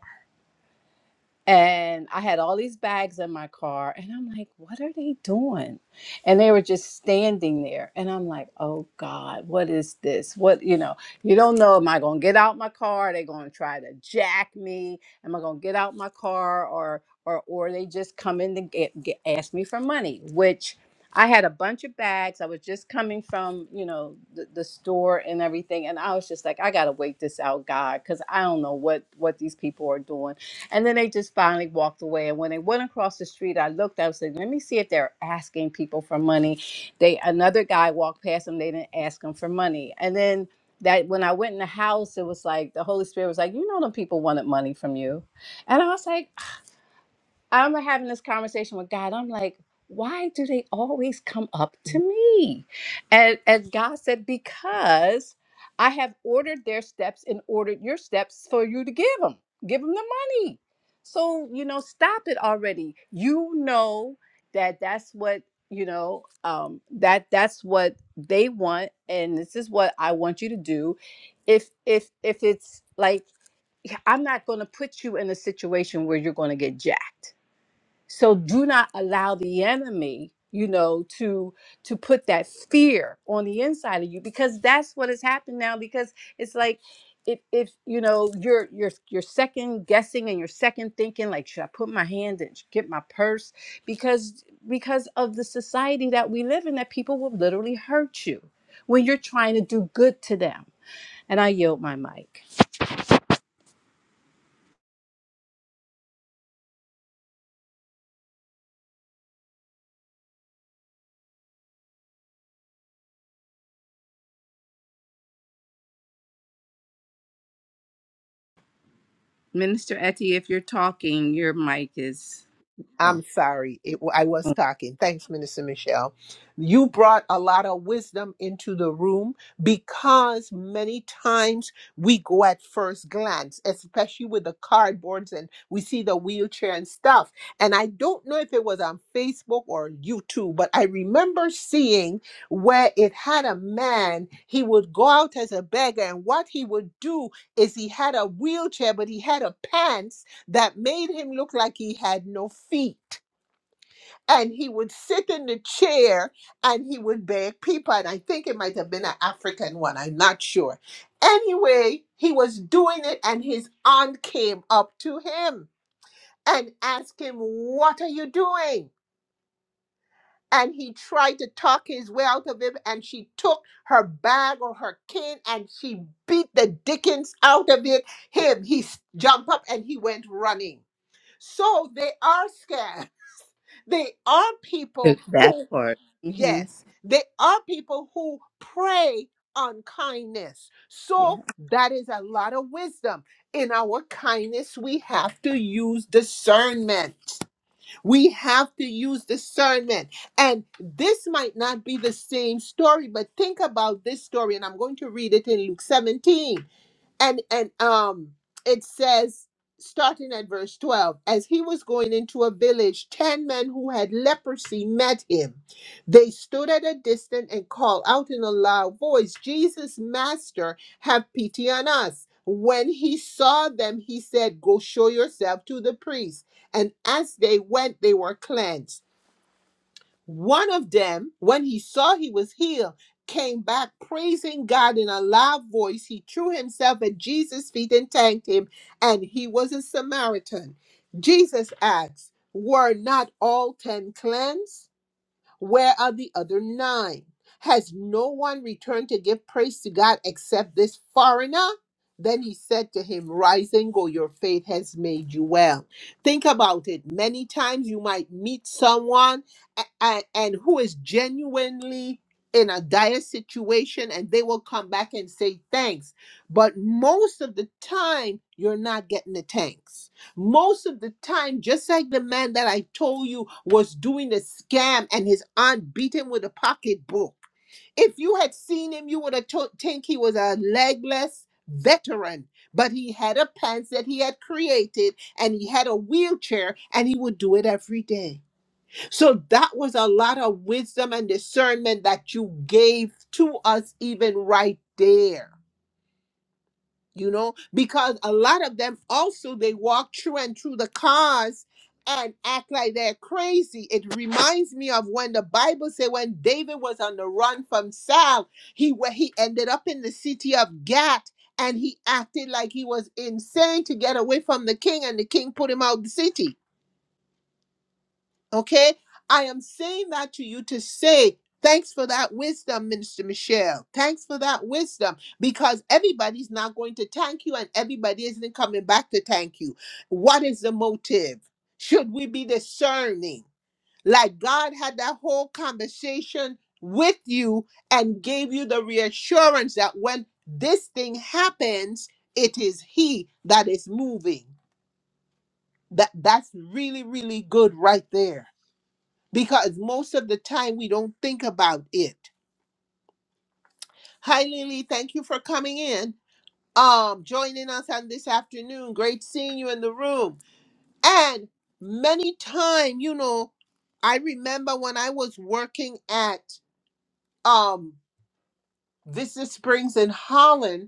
And I had all these bags in my car, and I'm like, what are they doing? And they were just standing there. And I'm like, oh God, what is this? What, you know, you don't know, am I going to get out my car? Are they going to try to jack me? Am I going to get out my car? Or, or, or they just come in to get, get, ask me for money, which I had a bunch of bags. I was just coming from, you know, the, the store and everything. And I was just like, I got to wait this out, God, because I don't know what, what these people are doing and then they just finally walked away. And when they went across the street, I looked, I said, let me see if they're asking people for money. They another guy walked past them, they didn't ask him for money. And then that when I went in the house, it was like the Holy Spirit was like, you know them people wanted money from you. And I was like, I remember having this conversation with God. I'm like, why do they always come up to me? And and God said, because I have ordered their steps and ordered your steps for you to give them. Give them the money. So you know, stop it already. You know that that's what you know. Um, that that's what they want, and this is what I want you to do. If if if it's like "Yeah, I'm not going to put you in a situation where you're going to get jacked so do not allow the enemy you know to to put that fear on the inside of you because that's what has happened now because it's like if if you know you're you're you're second guessing and you're second thinking like should i put my hand and get my purse because because of the society that we live in that people will literally hurt you when you're trying to do good to them and i yield my mic minister etty if you're talking your mic is
I'm
Oh,
sorry. It, I was talking. Thanks, Minister Michelle. You brought a lot of wisdom into the room because many times we go at first glance, especially with the cardboards and we see the wheelchair and stuff. And I don't know if it was on Facebook or YouTube, but I remember seeing where it had a man, he would go out as a beggar, and what he would do is he had a wheelchair, but he had a pants that made him look like he had no feet. And he would sit in the chair and he would beg people. And I think it might have been an African one, I'm not sure. Anyway, he was doing it, and his aunt came up to him and asked him, What are you doing? And he tried to talk his way out of it, and she took her bag or her cane and she beat the dickens out of it. Him, he s- jumped up and he went running. So they are scared They are
took
people
that
who,
part.
yes, they are people who prey on kindness.
Yeah.
So that is a lot of wisdom. In our kindness, we have to use discernment. We have to use discernment. And this might not be the same story, but think about this story. And I'm going to read it in Luke 17 and and um it says starting at verse 12 as he was going into a village 10 men who had leprosy met him they stood at a distance and called out in a loud voice jesus master have pity on us when he saw them he said go show yourself to the priest and as they went they were cleansed one of them, when he saw he was healed, came back praising God in a loud voice. He threw himself at Jesus' feet and thanked him, and he was a Samaritan. Jesus asked, Were not all ten cleansed? Where are the other nine? Has no one returned to give praise to God except this foreigner? Then he said to him, Rise and go, your faith has made you well. Think about it. Many times you might meet someone a- a- and who is genuinely in a dire situation, and they will come back and say thanks. But most of the time, you're not getting the thanks most of the time, just like the man that I told you was doing a scam and his aunt beat him with a pocketbook. If you had seen him, you would have to- think he was a legless veteran. But he had a pants that he had created and he had a wheelchair and he would do it every day. So that was a lot of wisdom and discernment that you gave to us, even right there you know because a lot of them also they walk through and through the cars and act like they're crazy it reminds me of when the bible said when david was on the run from saul he where he ended up in the city of gath and he acted like he was insane to get away from the king and the king put him out the city Okay? I am saying that to you to say, thanks for that wisdom, Minister Michelle. Thanks for that wisdom because everybody's not going to thank you and everybody isn't coming back to thank you. What is the motive? Should we be discerning? Like God had that whole conversation with you and gave you the reassurance that when this thing happens, it is He that is moving. That that's really, really good right there because most of the time we don't think about it. Hi, Lily. Thank you for coming in, um, joining us on this afternoon. Great seeing you in the room. And many time, you know, I remember when I was working at um, Visit Springs in Holland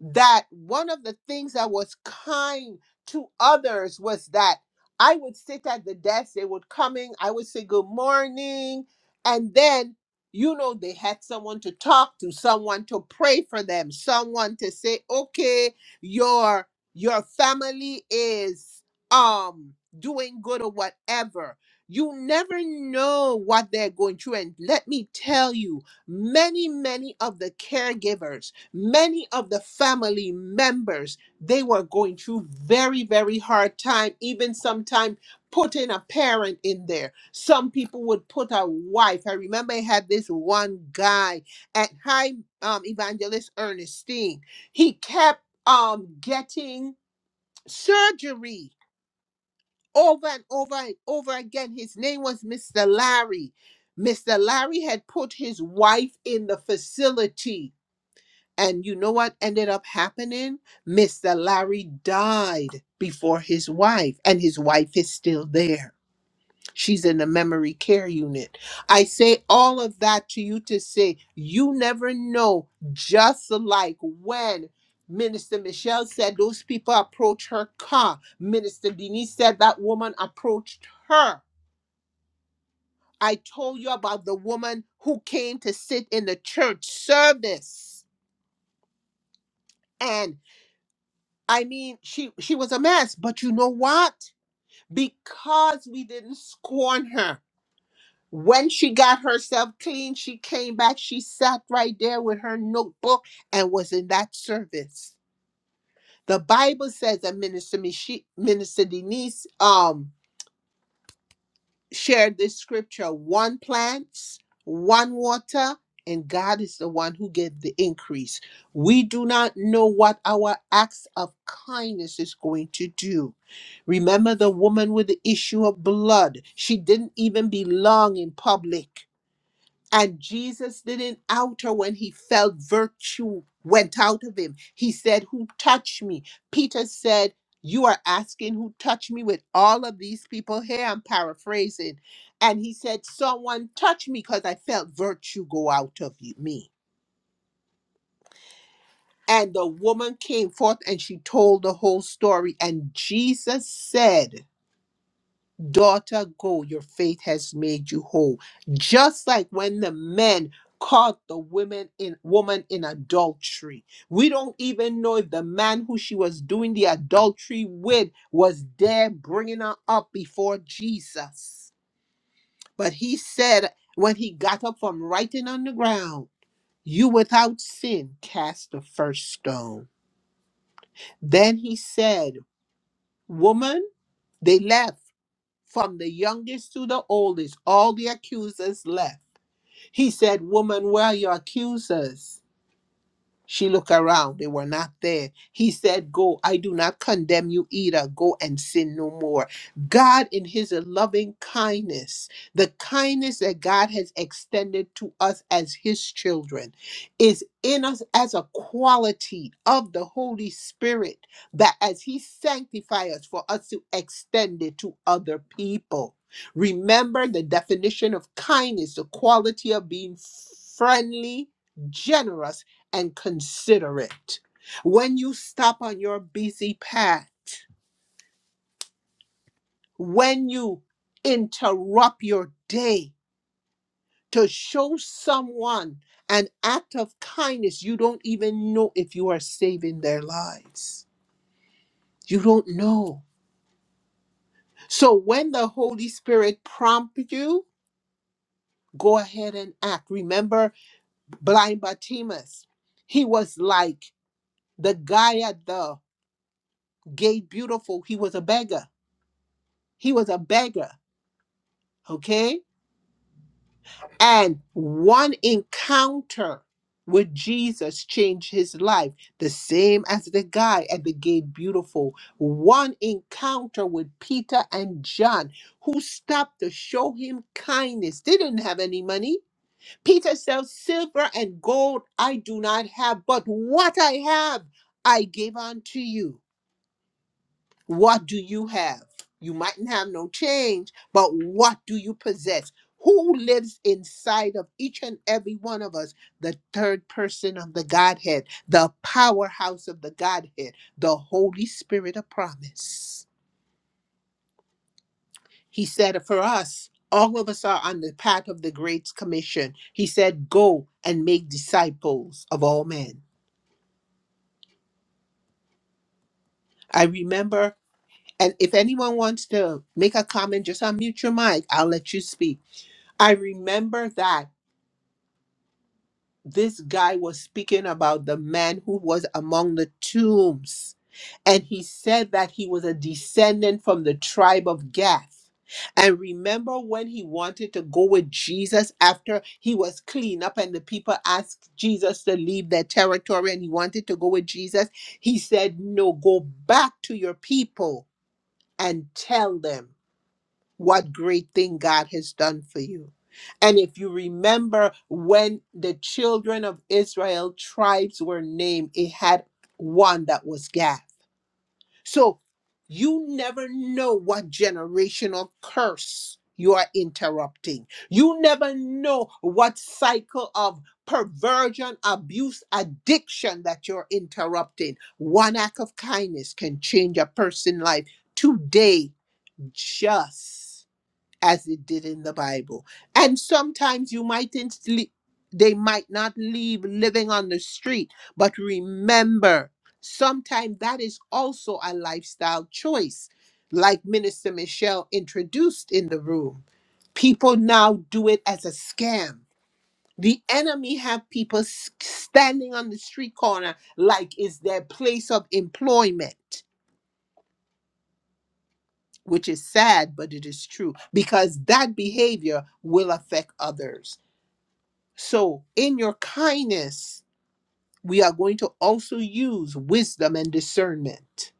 that one of the things that was kind to others was that I would sit at the desk, they would come in, I would say good morning, and then you know they had someone to talk to, someone to pray for them, someone to say, okay, your your family is um doing good or whatever. You never know what they're going through. And let me tell you, many, many of the caregivers many of the family members they were going through very very hard time even sometimes putting a parent in there some people would put a wife i remember i had this one guy at high um, evangelist ernestine he kept um getting surgery over and over and over again his name was mr larry mr larry had put his wife in the facility and you know what ended up happening? Mr. Larry died before his wife, and his wife is still there. She's in the memory care unit. I say all of that to you to say you never know, just like when. Minister Michelle said those people approached her car. Minister Denise said that woman approached her. I told you about the woman who came to sit in the church service. And I mean, she she was a mess, but you know what? Because we didn't scorn her. When she got herself clean, she came back. She sat right there with her notebook and was in that service. The Bible says that Minister Michi, Minister Denise, um shared this scripture one plants, one water, and God is the one who gave the increase. We do not know what our acts of kindness is going to do. Remember the woman with the issue of blood. She didn't even belong in public. And Jesus didn't outer when he felt virtue went out of him. He said, Who touched me? Peter said, You are asking who touched me with all of these people here. I'm paraphrasing. And he said, Someone touched me because I felt virtue go out of you- me. And the woman came forth and she told the whole story. And Jesus said, Daughter, go, your faith has made you whole. Just like when the men caught the women in woman in adultery. We don't even know if the man who she was doing the adultery with was there bringing her up before Jesus. But he said when he got up from writing on the ground, you without sin cast the first stone. Then he said, Woman, they left from the youngest to the oldest, all the accusers left. He said, Woman, where are your accusers? She looked around, they were not there. He said, Go, I do not condemn you either. Go and sin no more. God, in his loving kindness, the kindness that God has extended to us as his children, is in us as a quality of the Holy Spirit that as he sanctifies us, for us to extend it to other people. Remember the definition of kindness, the quality of being friendly, generous and consider it. When you stop on your busy path, when you interrupt your day to show someone an act of kindness, you don't even know if you are saving their lives. You don't know. So when the Holy Spirit prompts you, go ahead and act. Remember blind Bartimaeus. He was like the guy at the gate beautiful. He was a beggar. He was a beggar. Okay? And one encounter with Jesus changed his life, the same as the guy at the gate, beautiful. One encounter with Peter and John, who stopped to show him kindness. They didn't have any money. Peter said, Silver and gold I do not have, but what I have I give unto you. What do you have? You mightn't have no change, but what do you possess? Who lives inside of each and every one of us? The third person of the Godhead, the powerhouse of the Godhead, the Holy Spirit of promise. He said for us, all of us are on the path of the Great Commission. He said, Go and make disciples of all men. I remember, and if anyone wants to make a comment, just unmute your mic. I'll let you speak. I remember that this guy was speaking about the man who was among the tombs. And he said that he was a descendant from the tribe of Gath. And remember when he wanted to go with Jesus after he was clean up and the people asked Jesus to leave their territory and he wanted to go with Jesus? He said, No, go back to your people and tell them what great thing God has done for you. And if you remember when the children of Israel tribes were named, it had one that was Gath. So you never know what generational curse you are interrupting. You never know what cycle of perversion, abuse, addiction that you're interrupting. One act of kindness can change a person's life today, just as it did in the Bible. And sometimes you mightn't sleep, they might not leave living on the street, but remember, sometimes that is also a lifestyle choice, like Minister Michelle introduced in the room. People now do it as a scam. The enemy have people s- standing on the street corner like it's their place of employment, which is sad, but it is true because that behavior will affect others. So, in your kindness, we are going to also use wisdom and discernment,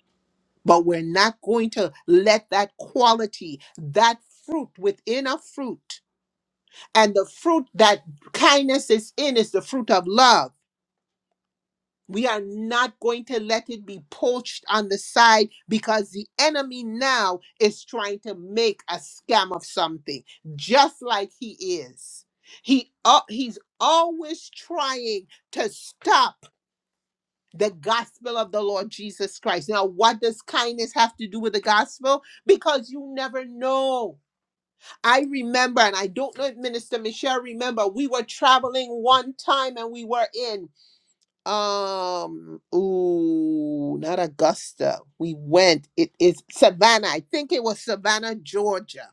but we're not going to let that quality, that fruit within a fruit, and the fruit that kindness is in is the fruit of love We are not going to let it be poached on the side because the enemy now is trying to make a scam of something, just like he is. He uh, he's always trying to stop the gospel of the Lord Jesus Christ. Now, what does kindness have to do with the gospel? Because you never know. I remember, and I don't know if Minister Michelle remember, we were traveling one time and we were in. Um, ooh, not Augusta. We went. It is Savannah. I think it was Savannah, Georgia.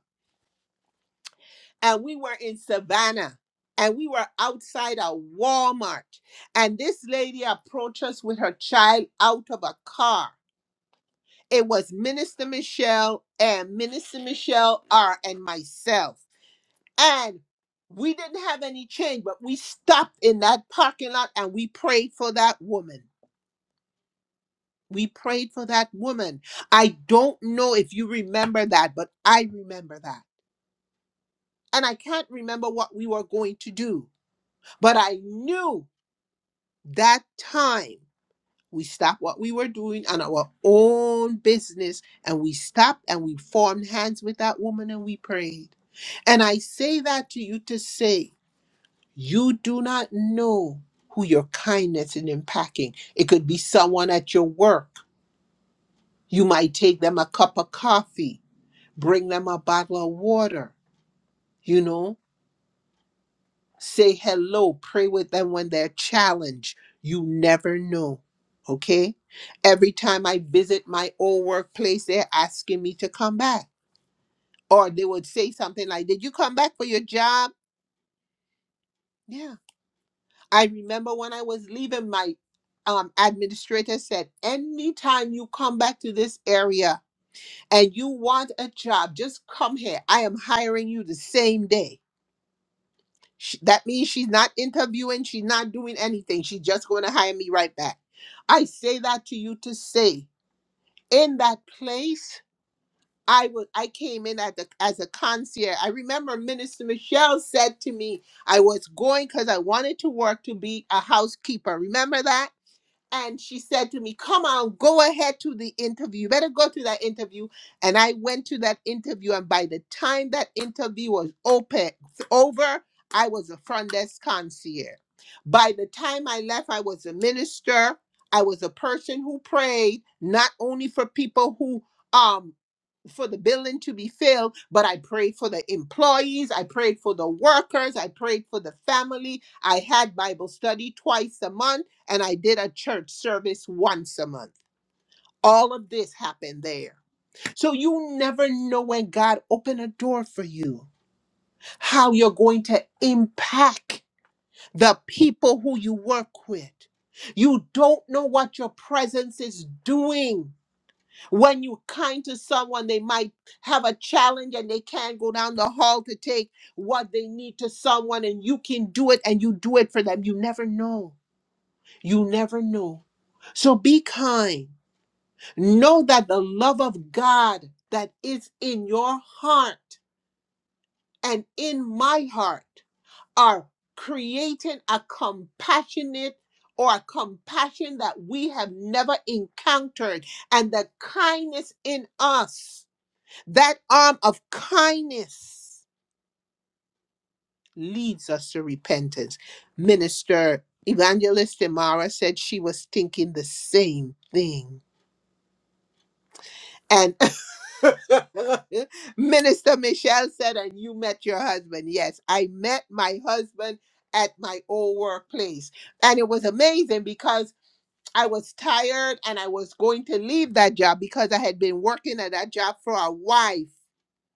And we were in Savannah and we were outside a Walmart. And this lady approached us with her child out of a car. It was Minister Michelle and Minister Michelle R and myself. And we didn't have any change, but we stopped in that parking lot and we prayed for that woman We prayed for that woman. I don't know if you remember that, but I remember that. And I can't remember what we were going to do, but I knew that time we stopped what we were doing on our own business and we stopped and we formed hands with that woman and we prayed. And I say that to you to say, you do not know who your kindness is impacting. It could be someone at your work. You might take them a cup of coffee. bring them a bottle of water, you know, say hello, pray with them when they're challenged. You never know, okay? Every time I visit my old workplace, they're asking me to come back. Or they would say something like, Did you come back for your job? Yeah. I remember when I was leaving, my um, administrator said, Anytime you come back to this area and you want a job, just come here. I am hiring you the same day Sh that means she's not interviewing, she's not doing anything. She's just going to hire me right back. I say that to you to say, in that place, I was I came in at the, as a concierge. I remember Minister Michelle said to me, I was going because I wanted to work to be a housekeeper. Remember that? And she said to me, Come on, go ahead to the interview. You better go to that interview. And I went to that interview. And by the time that interview was open, over, I was a front desk concierge. By the time I left, I was a minister. I was a person who prayed, not only for people who um for the building to be filled, but I prayed for the employees, I prayed for the workers, I prayed for the family. I had Bible study twice a month, and I did a church service once a month. All of this happened there. So you never know when God opened a door for you, how you're going to impact the people who you work with. You don't know what your presence is doing when you're kind to someone, they might have a challenge and they can't go down the hall to take what they need to someone, and you can do it and you do it for them. You never know. You never know. So be kind. Know that the love of God that is in your heart and in my heart are creating a compassionate or a compassion that we have never encountered and the kindness in us that arm of kindness leads us to repentance. Minister Evangelist Amara said she was thinking the same thing. And Minister Michelle said, and you met your husband. Yes, I met my husband at my old workplace. And it was amazing because I was tired and I was going to leave that job because I had been working at that job for a while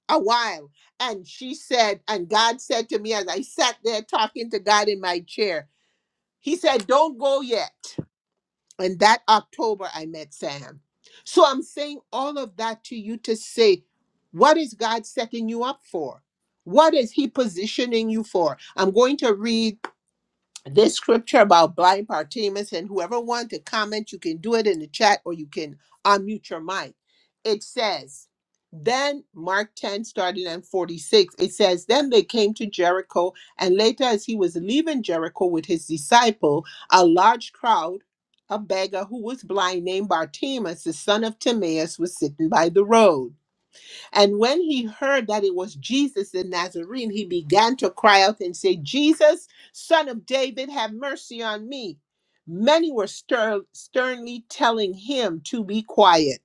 a while. And she said, and God said to me as I sat there talking to God in my chair, He said, Don't go yet. And that October, I met Sam. So I'm saying all of that to you to say, What is God setting you up for? What is He positioning you for? I'm going to read this scripture about blind Bartimaeus and whoever want to comment, you can do it in the chat or you can unmute your mic. It says, then Mark 10 starting at 46. It says, Then they came to Jericho, and later as he was leaving Jericho with his disciple, a large crowd, a beggar who was blind named Bartimaeus, the son of Timaeus, was sitting by the road. And when he heard that it was Jesus the Nazarene, he began to cry out and say, Jesus, son of David, have mercy on me. Many were ster- sternly telling him to be quiet,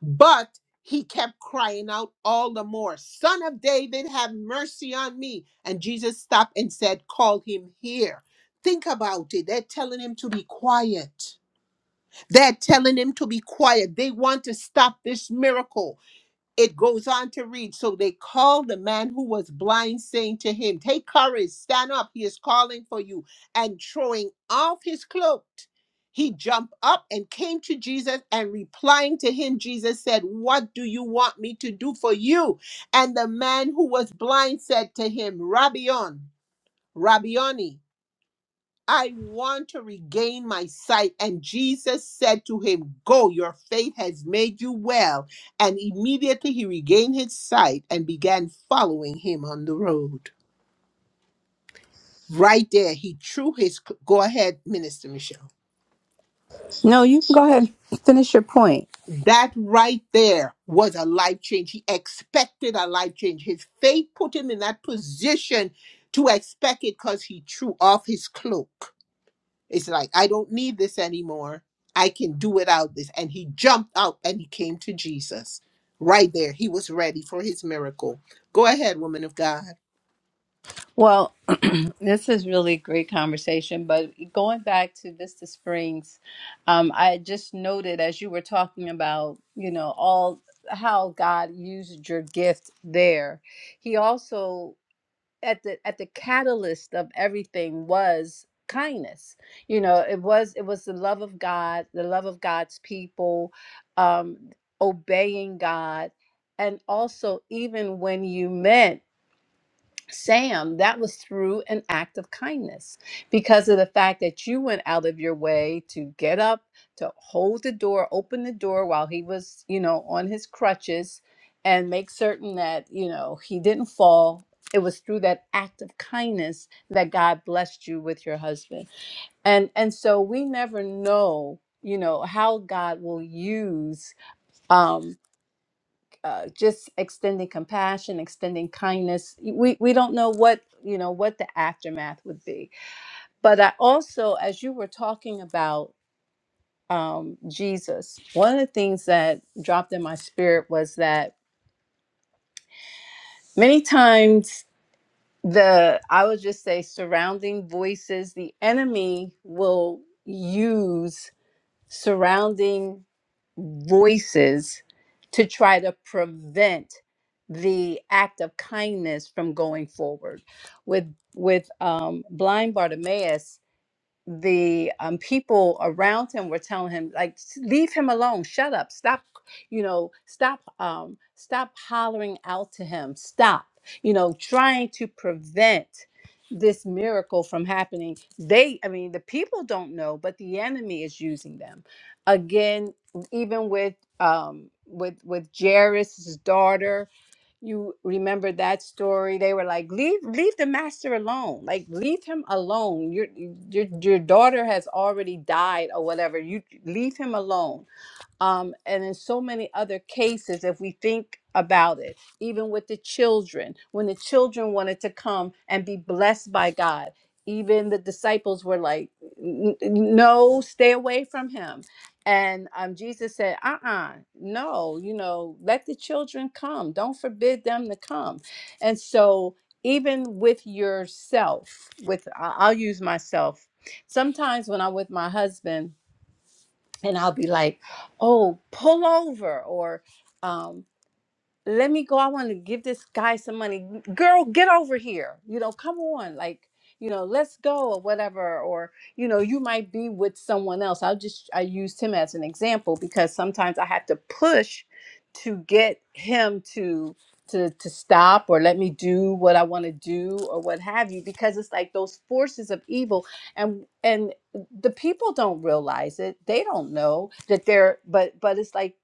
but he kept crying out all the more, Son of David, have mercy on me. And Jesus stopped and said, Call him here. Think about it. They're telling him to be quiet. They're telling him to be quiet. They want to stop this miracle it goes on to read so they called the man who was blind saying to him take courage stand up he is calling for you and throwing off his cloak he jumped up and came to jesus and replying to him jesus said what do you want me to do for you and the man who was blind said to him rabbion rabbioni I want to regain my sight. And Jesus said to him, Go, your faith has made you well. And immediately he regained his sight and began following him on the road. Right there, he threw his. Go ahead, Minister Michelle.
No, you can go ahead and finish your point.
That right there was a life change. He expected a life change. His faith put him in that position to expect it because he threw off his cloak. It's like, I don't need this anymore. I can do without this. And he jumped out and he came to Jesus. Right there, he was ready for his miracle. Go ahead, woman of God.
Well, this is really great conversation, but going back to Vista Springs, um, I just noted as you were talking about, you know, all how God used your gift there. He also at the at the catalyst of everything was kindness you know it was it was the love of god the love of god's people um obeying god and also even when you meant Sam, that was through an act of kindness because of the fact that you went out of your way to get up, to hold the door, open the door while he was, you know, on his crutches and make certain that, you know, he didn't fall. It was through that act of kindness that God blessed you with your husband. And and so we never know, you know, how God will use um uh, just extending compassion, extending kindness. We we don't know what you know what the aftermath would be. But I also, as you were talking about um, Jesus, one of the things that dropped in my spirit was that many times the I would just say surrounding voices, the enemy will use surrounding voices to try to prevent the act of kindness from going forward with with um blind bartimaeus the um, people around him were telling him like "S- leave him alone shut up stop you know stop um stop hollering out to him stop you know trying to prevent this miracle from happening they i mean the people don't know but the enemy is using them again even with um with with jairus's daughter you remember that story they were like leave leave the master alone like leave him alone your your, your daughter has already died or whatever you leave him alone um, and in so many other cases if we think about it even with the children when the children wanted to come and be blessed by god even the disciples were like "N- n- no stay away from him and um, jesus said uh-uh no you know let the children come don't forbid them to come and so even with yourself with I- i'll use myself sometimes when i'm with my husband and I'll be like, "Oh, pull over," or um, let me go. I want to give this guy some money. Girl, get over here. You know, come on. Like, you know, let's go or whatever. Or, you know, you might be with someone else. I'll just, I used him as an example because sometimes I had to push to get him to, to, to stop or let me do what I want to do or what have you, because it's like those forces of evil and, and the people don't realize it. They don't know that they're, but, but it's like,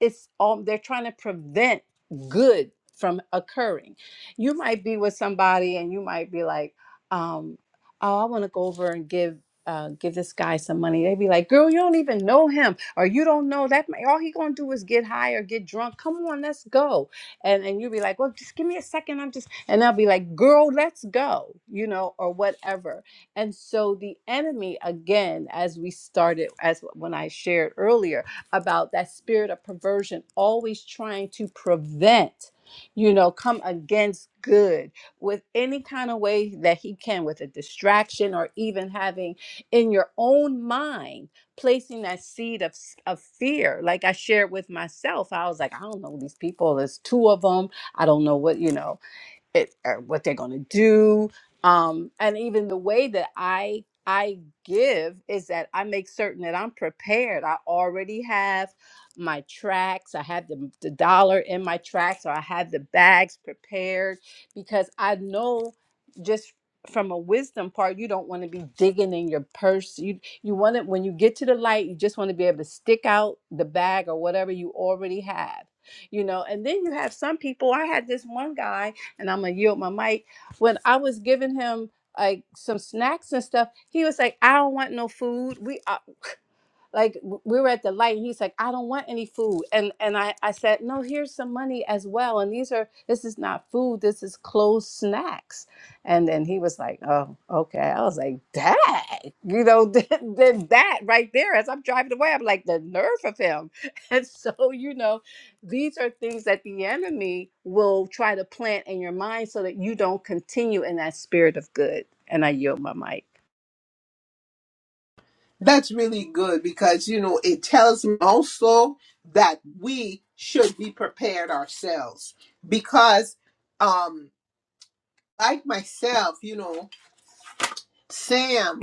it's all, they're trying to prevent good from occurring. You might be with somebody and you might be like, um, oh, I want to go over and give. Uh, give this guy some money. They'd be like, "Girl, you don't even know him, or you don't know that. ma- All he gonna do is get high or get drunk. Come on, let's go." And and you'd be like, "Well, just give me a second. I'm just," and they'll be like, "Girl, let's go," you know, or whatever. And so the enemy, again, as we started, as when I shared earlier about that spirit of perversion always trying to prevent you know come against good with any kind of way that he can with a distraction or even having in your own mind placing that seed of, s- of fear like i shared with myself i was like i don't know these people there's two of them i don't know what you know it or what they're going to do um and even the way that i i give is that i make certain that i'm prepared i already have my tracks i have the, the dollar in my tracks or i have the bags prepared because i know just from a wisdom part you don't want to be digging in your purse you you want to when you get to the light you just want to be able to stick out the bag or whatever you already have you know and then you have some people i had this one guy and I'm gonna yield my mic. When I was giving him like some snacks and stuff, he was like, "I don't want no food. We are." like w- we were at the light and he's like i don't want any food and and i i said no here's some money as well and these are this is not food this is closed snacks and then he was like oh okay i was like dang you know then then that right there as i'm driving away i'm like the nerve of him and so you know these are things that the enemy will try to plant in your mind so that you don't continue in that spirit of good and i yield my
That's really good because, you know, it tells me also that we should be prepared ourselves because, um, like myself, you know, Sam.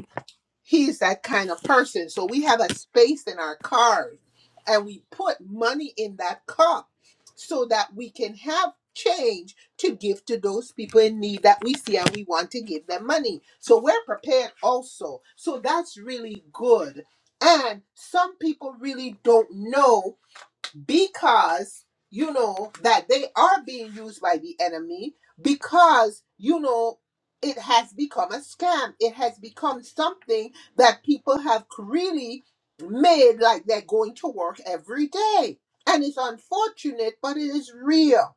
he's that kind of person. So we have a space in our cars and we put money in that cup so that we can have change to give to those people in need that we see and we want to give them money. So we're prepared also. So that's really good. And some people really don't know because you know that they are being used by the enemy because you know it has become a scam it has become something that people have really made like they're going to work every day and it's unfortunate but it is real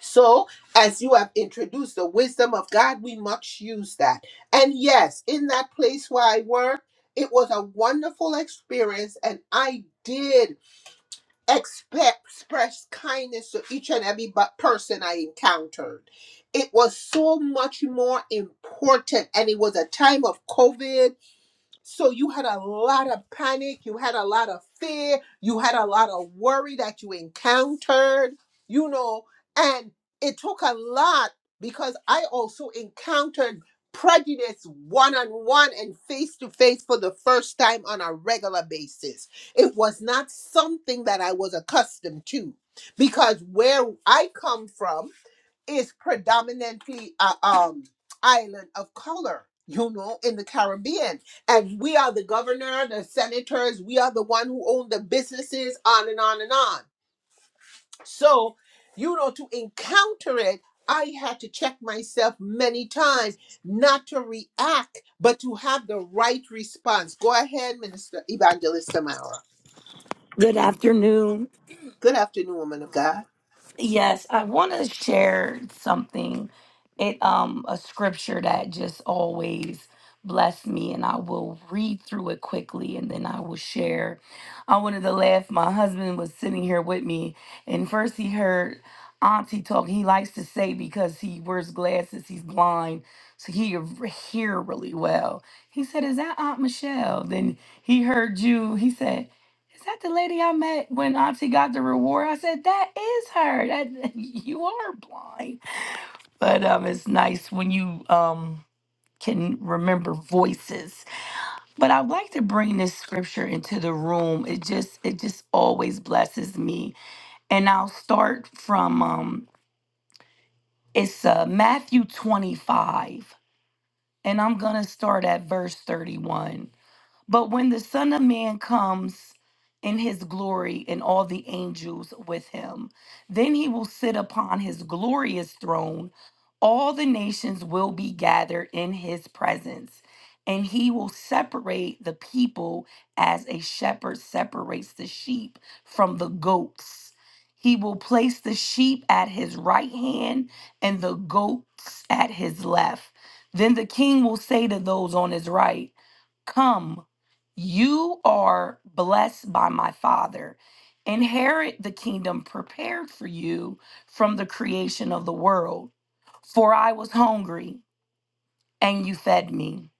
so as you have introduced the wisdom of god we must use that and yes in that place where i work it was a wonderful experience and i did expe- express kindness to each and every bu- person I encountered. It was so much more important, and it was a time of COVID so you had a lot of panic, you had a lot of fear, you had a lot of worry that you encountered, you know, and it took a lot because I also encountered prejudice one on one and face to face for the first time on a regular basis. It was not something that I was accustomed to because where I come from, is predominantly a um, island of color, you know, in the Caribbean. And we are the governor, the senators, we are the one who own the businesses, on and on and on. So, you know, to encounter it, I had to check myself many times not to react, but to have the right response. Go ahead, Minister Evangelist Samara.
Good afternoon.
Good afternoon, woman of God.
Yes, I want to share something. It um a scripture that just always blessed me and I will read through it quickly and then I will share. I wanted to laugh. My husband was sitting here with me and first he heard Auntie talk. He likes to say because he wears glasses, he's blind, so he can r- hear really well. He said, "Is that Aunt Michelle?" Then he heard you. He said. Is that the lady I met when Auntie got the reward? I said, That is her. That you are blind. But um it's nice when you um can remember voices. But I'd like to bring this scripture into the room. It just it just always blesses me. And I'll start from um it's uh Matthew 25. And I'm gonna start at verse 31. But when the Son of Man comes in his glory and all the angels with him, then he will sit upon his glorious throne. All the nations will be gathered in his presence, and he will separate the people as a shepherd separates the sheep from the goats. He will place the sheep at his right hand and the goats at his left. Then the king will say to those on his right, Come, you are blessed by my Father. Inherit the kingdom prepared for you from the creation of the world. For I was hungry, and you fed me.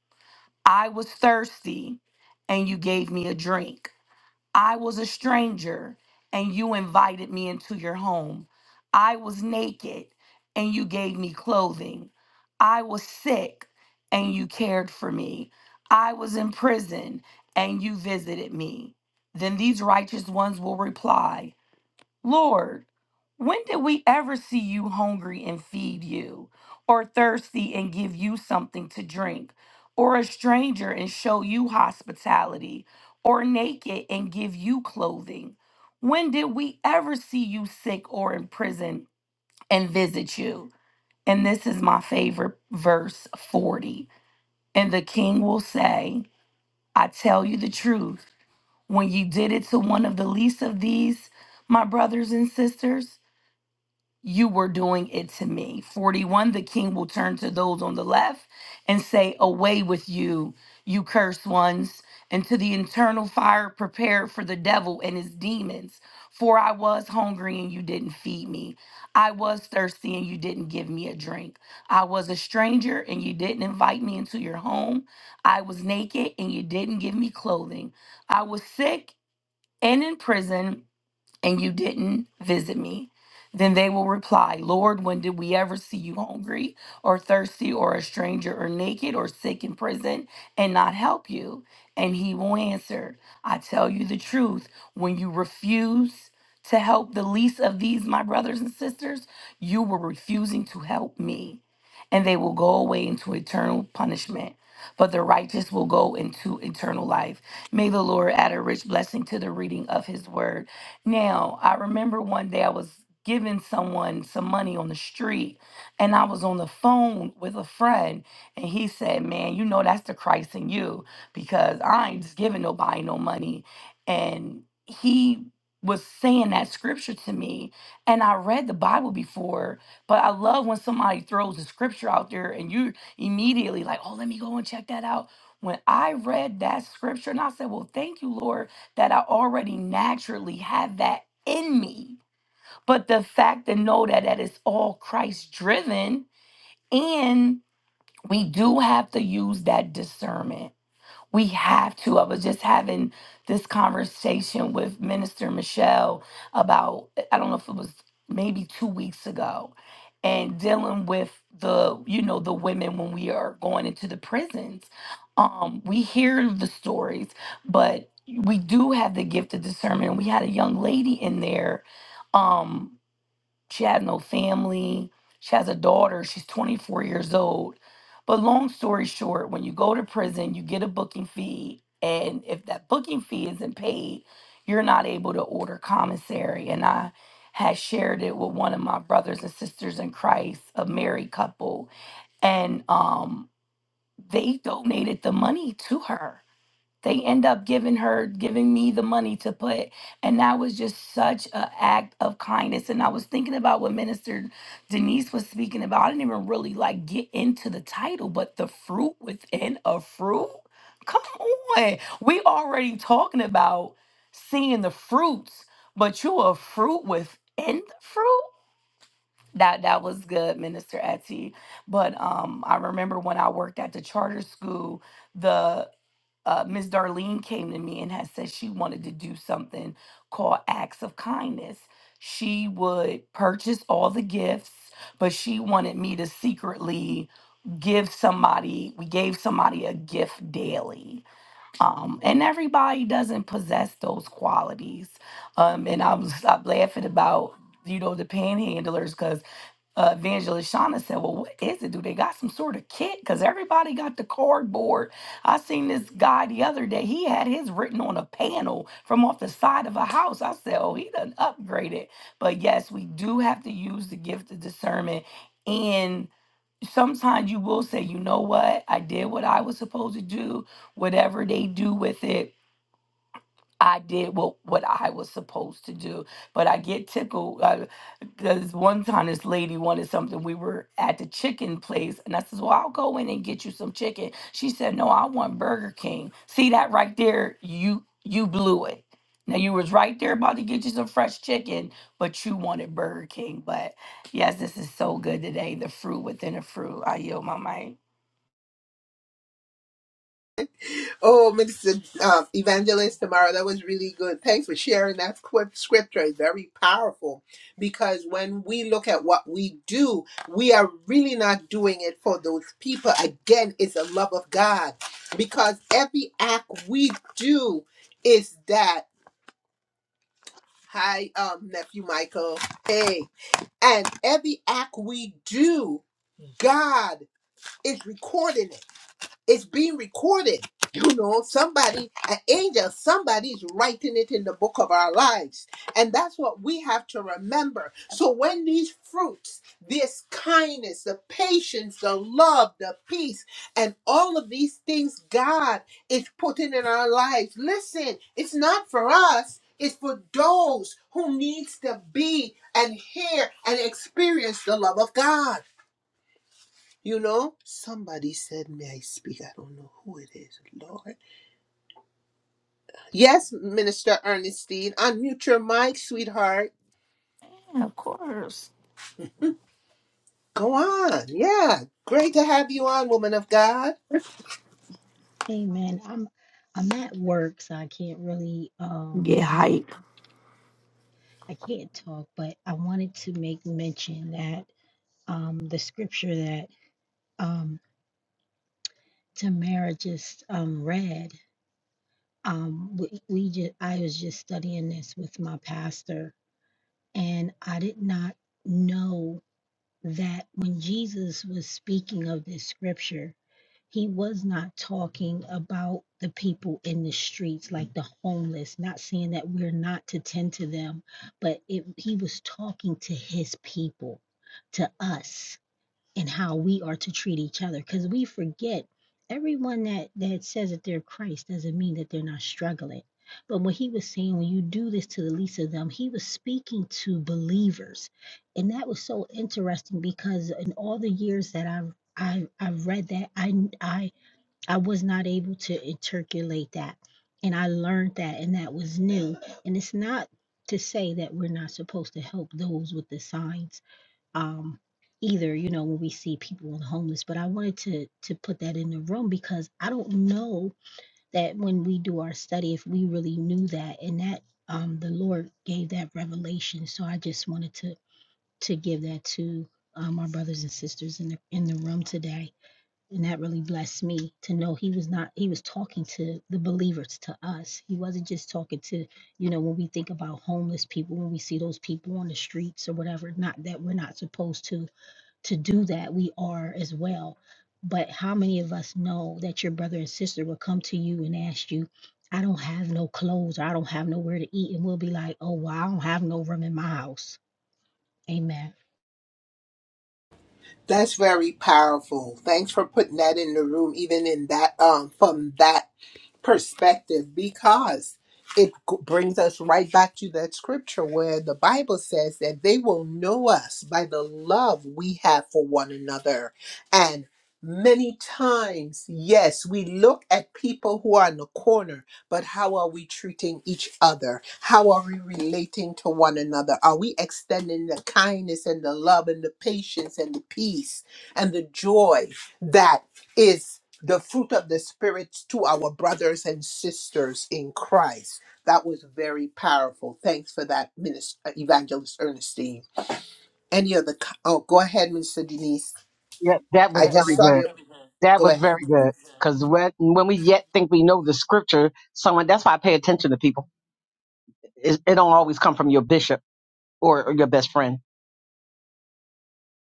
I was thirsty, and you gave me a drink. I was a stranger and you invited me into your home. I was naked and you gave me clothing. I was sick and you cared for me. I was in prison and you visited me. Then these righteous ones will reply. Lord, when did we ever see you hungry and feed you, or thirsty and give you something to drink, or a stranger and show you hospitality, or naked and give you clothing? When did we ever see you sick or in prison and visit you? And this is my favorite verse 40. And the king will say, I tell you the truth, when you did it to one of the least of these, my brothers and sisters, you were doing it to me. 41, the king will turn to those on the left and say, Away with you, you cursed ones, and to the internal fire prepared for the devil and his demons. For I was hungry and you didn't feed me. I was thirsty and you didn't give me a drink. I was a stranger and you didn't invite me into your home. I was naked and you didn't give me clothing. I was sick and in prison and you didn't visit me. Then they will reply, Lord, when did we ever see you hungry or thirsty or a stranger or naked or sick in prison and not help you? And he will answer, I tell you the truth, when you refuse to help the least of these, my brothers and sisters, you were refusing to help me. And they will go away into eternal punishment, but the righteous will go into eternal life. May the Lord add a rich blessing to the reading of his word. Now, I remember one day I was giving someone some money on the street and I was on the phone with a friend and he said, Man, you know that's the Christ in you because I ain't just giving nobody no money. And he was saying that scripture to me and I read the Bible before, but I love when somebody throws a scripture out there and you immediately like, oh, let me go and check that out. When I read that scripture and I said, Well, thank you, Lord that I already naturally have that in me. But the fact to know that that is all Christ driven, and we do have to use that discernment we have to. I was just having this conversation with Minister Michelle about, I don't know if it was maybe two weeks ago, and dealing with the, you know, the women when we are going into the prisons. Um, we hear the stories, but we do have the gift of discernment. We had a young lady in there. Um, she had no family. She has a daughter. She's 24 years old. But long story short, when you go to prison, you get a booking fee. And if that booking fee isn't paid, you're not able to order commissary. And I had shared it with one of my brothers and sisters in Christ, a married couple. And um, they donated the money to her they end up giving her giving me the money to put and that was just such a act of kindness and i was thinking about what minister denise was speaking about i didn't even really like get into the title but the fruit within a fruit come on we already talking about seeing the fruits but you a fruit within the fruit that that was good, Minister Etty. But um, I remember when I worked at the charter school, the uh, Miss Darlene came to me and had said she wanted to do something called acts of kindness. She would purchase all the gifts, but she wanted me to secretly give somebody we gave somebody a gift daily um and everybody doesn't possess those qualities um and i was stop laughing about you know the panhandlers because uh, Evangelist Shauna said, Well, what is it? Do they got some sort of kit? Because everybody got the cardboard. I seen this guy the other day. He had his written on a panel from off the side of a house. I said, Oh, he done upgraded. But yes, we do have to use the gift of discernment. And sometimes you will say, You know what? I did what I was supposed to do, whatever they do with it I did what what I was supposed to do, but I get tickled. Uh, Cause one time this lady wanted something. We were at the chicken place, and I says, "Well, I'll go in and get you some chicken." She said, "No, I want Burger King." See that right there? You you blew it. Now you was right there about to get you some fresh chicken, but you wanted Burger King. But yes, this is so good today. The fruit within a fruit. I yield my mic.
Oh, Minister um, Evangelist Tamara, that was really good. Thanks for sharing that scrip- scripture. It's very powerful because when we look at what we do, we are really not doing it for those people. Again, it's the love of God because every act we do is that. Hi, um, nephew Michael. Hey, and every act we do, God is recording it. It's being recorded. You know, somebody, an angel, somebody's writing it in the book of our lives. And that's what we have to remember. So when these fruits, this kindness, the patience, the love, the peace, and all of these things God is putting in our lives, listen, it's not for us. It's for those who needs to be and hear and experience the love of God. You know, somebody said, May I speak? I don't know who it is, Lord. Yes, Minister Ernestine, unmute your mic, sweetheart.
Yeah, of course.
Go on. Yeah. Great to have you on, woman of God.
Amen. I'm I'm at work, so I can't really
Get
um talk,
hype.
I can't talk, but I wanted to make mention that um the scripture that um Tamara just um read um we, we just I was just studying this with my pastor, and I did not know that when Jesus was speaking of this scripture, he was not talking about the people in the streets, like the homeless, not saying that we're not to tend to them, but it, he was talking to his people, to us and how we are to treat each other because we forget everyone that that says that they're christ doesn't mean that they're not struggling but when he was saying when you do this to the least of them he was speaking to believers and that was so interesting because in all the years that i've i I've read that I, I i was not able to interculate that and i learned that and that was new and it's not to say that we're not supposed to help those with the signs um either you know when we see people and homeless but i wanted to to put that in the room because i don't know that when we do our study if we really knew that and that um the lord gave that revelation so i just wanted to to give that to um, our brothers and sisters in the in the room today and that really blessed me to know he was not he was talking to the believers to us he wasn't just talking to you know when we think about homeless people when we see those people on the streets or whatever not that we're not supposed to to do that, we are as well. But how many of us know that your brother and sister will come to you and ask you, I don't have no clothes, or I don't have nowhere to eat, and we'll be like, oh, well, I don't have no room in my house. Amen.
That's very powerful. Thanks for putting that in the room, even in that um from that perspective because it g- brings us right back to that scripture where the Bible says that they will know us by the love we have for one another. And many times, yes, we look at people who are in the corner, but how are we treating each other? How are we relating to one another? Are we extending the kindness and the love and the patience and the peace and the joy that is? the fruit of the Spirit to our brothers and sisters in Christ. That was very powerful. Thanks for that, Minister Evangelist Ernestine. Any other? co- Oh, go ahead, Minister Denise.
Yeah, that
I
was
just
very
saw
good.
you.
That
Go
was
ahead.
very good. Because when, when we yet think we know the scripture, someone that's why I pay attention to people. It, it don't always come from your bishop or, or your best friend.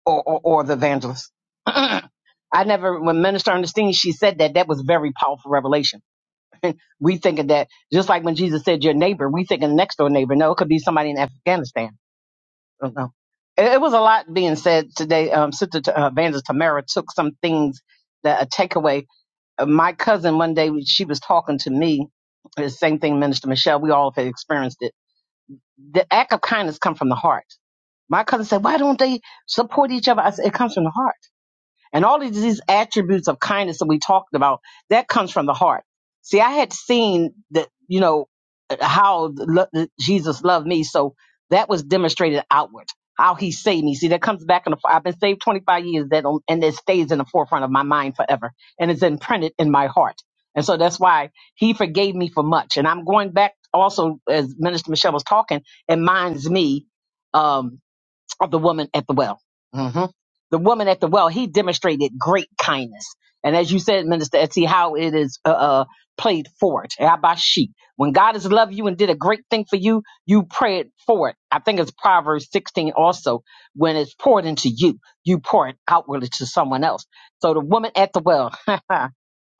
or, or, or the evangelist. I never, when Minister Ernestine, she said that that was very powerful revelation. We thinking that just like when Jesus said your neighbor, we thinking next door neighbor. No, it could be somebody in Afghanistan. I don't know. It, it was a lot being said today. Um, Sister T- uh, Evangelist Tamara took some things that a takeaway. Uh, my cousin one day she was talking to me. The same thing, Minister Michelle. We all have experienced it. The act of kindness come from the heart. My cousin said, "Why don't they support each other?" I said, "It comes from the heart." And all of these attributes of kindness that we talked about, that comes from the heart. See, I had seen that, you know, how the lo- the- Jesus loved me. So that was demonstrated outward, how he saved me. See, that comes back in the, I've been saved 25 years that, don't- and it stays in the forefront of my mind forever and it's imprinted in my heart. And so that's why he forgave me for much. And I'm going back also as Minister Michelle was talking, it minds me. Um, of the woman at the well. hmm The woman at the well, he demonstrated great kindness. And as you said, Minister Etsy, how it is uh, uh, played forward. Abashi. When God has loved you and did a great thing for you, you pray it forward. I think it's Proverbs 16 also. When it's poured into you, you pour it outwardly to someone else. So the woman at the well,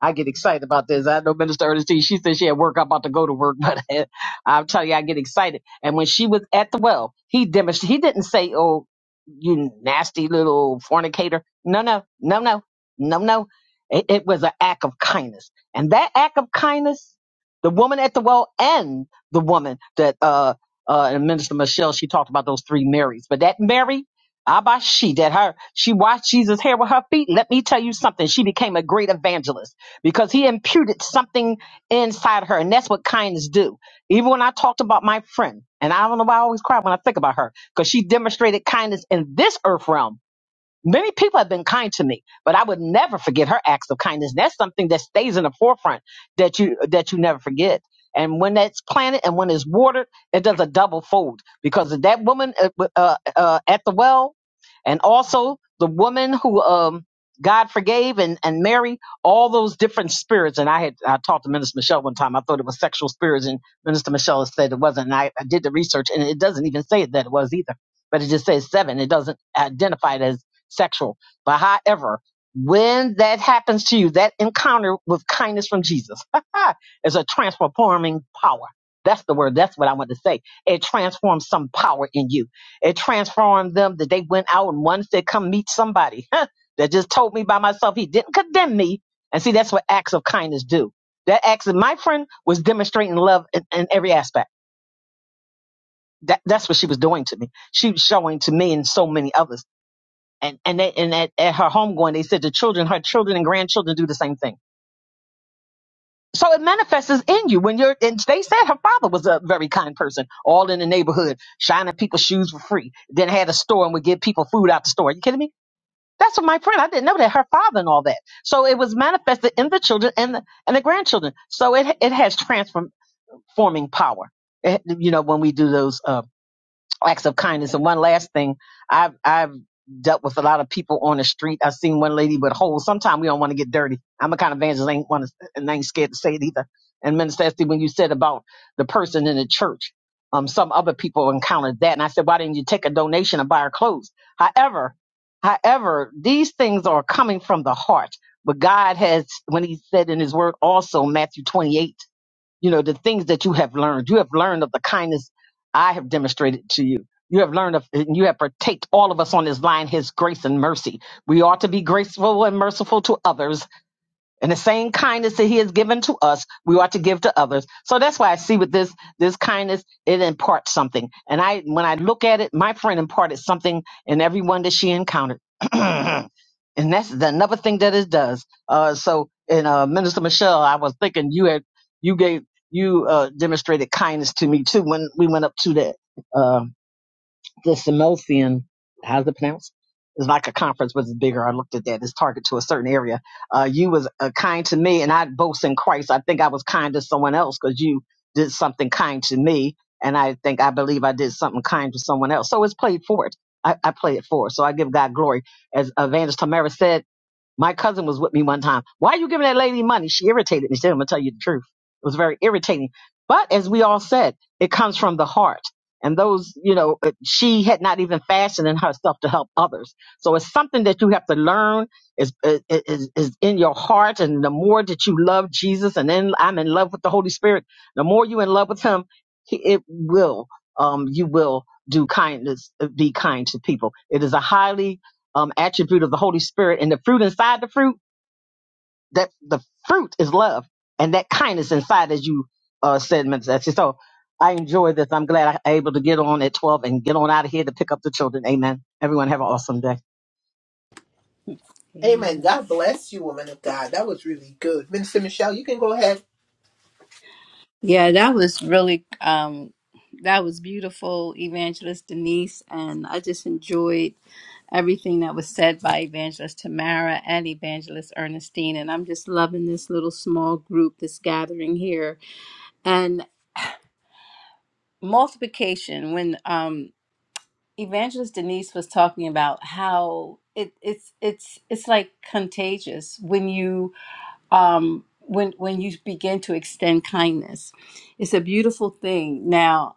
I get excited about this. I know Minister Ernestine, she said she had work. I'm about to go to work, but I'm telling you, I get excited. And when she was at the well, he demonstrated, he didn't say, oh, you nasty little fornicator. No, no, no, no, no, no. It, it was an act of kindness. And that act of kindness, the woman at the well and the woman that, uh, uh, and Minister Michelle, she talked about those three Marys, but that Mary, Abba, she, that her, she washed Jesus' hair with her feet. Let me tell you something. She became a great evangelist because he imputed something inside her, and that's what kindness do. Even when I talked about my friend, and I don't know why I always cry when I think about her, because she demonstrated kindness in this earth realm Many people have been kind to me, but I would never forget her acts of kindness. That's something that stays in the forefront that you that you never forget. And when that's planted and when it's watered, it does a double fold because of that woman uh, uh, uh, at the well, and also the woman who um, God forgave and and Mary, all those different spirits. And I had I talked to Minister Michelle one time. I thought it was sexual spirits, and Minister Michelle said it wasn't. And I, I did the research, and it doesn't even say that it was either but it just says seven. It doesn't identify it as sexual. But however, when that happens to you, that encounter with kindness from Jesus is a transforming power. That's the word. That's what I want to say. It transforms some power in you. It transformed them that they went out and one said, come meet somebody that just told me by myself. He didn't condemn me. And see, that's what acts of kindness do. That acts of my friend was demonstrating love in, in every aspect. That, that's what she was doing to me. She was showing to me and so many others and and they, and at, at her homegoing, they said the children, her children and grandchildren do the same thing. So it manifests in you when you're. And they said her father was a very kind person, all in the neighborhood, shining people's shoes for free. Then had a store and would give people food out the store. you kidding me? That's what my friend. I didn't know that her father and all that. So it was manifested in the children and the and the grandchildren. So it it has transforming power. It- you know when we do those. uh, acts of kindness. And one last thing, I've I've dealt with a lot of people on the street. I've seen one lady with holes. Sometimes we don't want to get dirty. I'm a kind of evangelist, I ain't want to, and I ain't scared to say it either. And Minister Esty, when you said about the person in the church, um, some other people encountered that, and I said, why didn't you take a donation and buy her clothes? However, however, these things are coming from the heart. But God has, when He said in His Word, also Matthew 28 you know, the things that you have learned. You have learned of the kindness I have demonstrated to you. You have learned of, and you have partaked all of us on this line, His grace and mercy. We ought to be graceful and merciful to others and the same kindness that he has given to us, we ought to give to others. So that's why I see with this this kindness, it imparts something. And I when I look at it, my friend imparted something in everyone that she encountered. and that's the, another thing that it does. Uh, so and uh, Minister Michelle, I was thinking you had you gave you uh, demonstrated kindness to me too when we went up to that. uh, the Symposium, how's it pronounced? It's like a conference, but it's bigger. I looked at that. It's targeted to a certain area. Uh, you was uh, kind to me, and I boast in Christ. I think I was kind to someone else because you did something kind to me, and I think I believe I did something kind to someone else. So it's played forward. I, I play it forward. So I give God glory, as Evangelist Tamara said. My cousin was with me one time. Why are you giving that lady money? She irritated me. She said, I'm going to tell you the truth. It was very irritating. But as we all said, it comes from the heart. And those, you know, uh, she had not even fashioned in herself to help others. So it's something that you have to learn is, is, is is in your heart. And the more that you love Jesus and then I'm in love with the Holy Spirit, the more you in love with him, he, it will, um, you will do kindness, be kind to people. It is a highly um, attribute of the Holy Spirit and the fruit inside the fruit, that the fruit is love and that kindness inside, as you uh, said, Minister. Esty. So I enjoy this. I'm glad I'm able to get on at 12 and get on out of here to pick up the children. Amen. Everyone have an awesome day.
mic
Amen.
amen
God bless you, woman of God. That was really good, Minister Michelle. You can go ahead.
Yeah, that was really um that was beautiful, Evangelist Denise, and I just enjoyed everything that was said by Evangelist Tamara and Evangelist Ernestine, and I'm just loving this little small group, this gathering here. And multiplication when um Evangelist Denise was talking about how it it's it's it's like contagious when you um when when you begin to extend kindness it's a beautiful thing now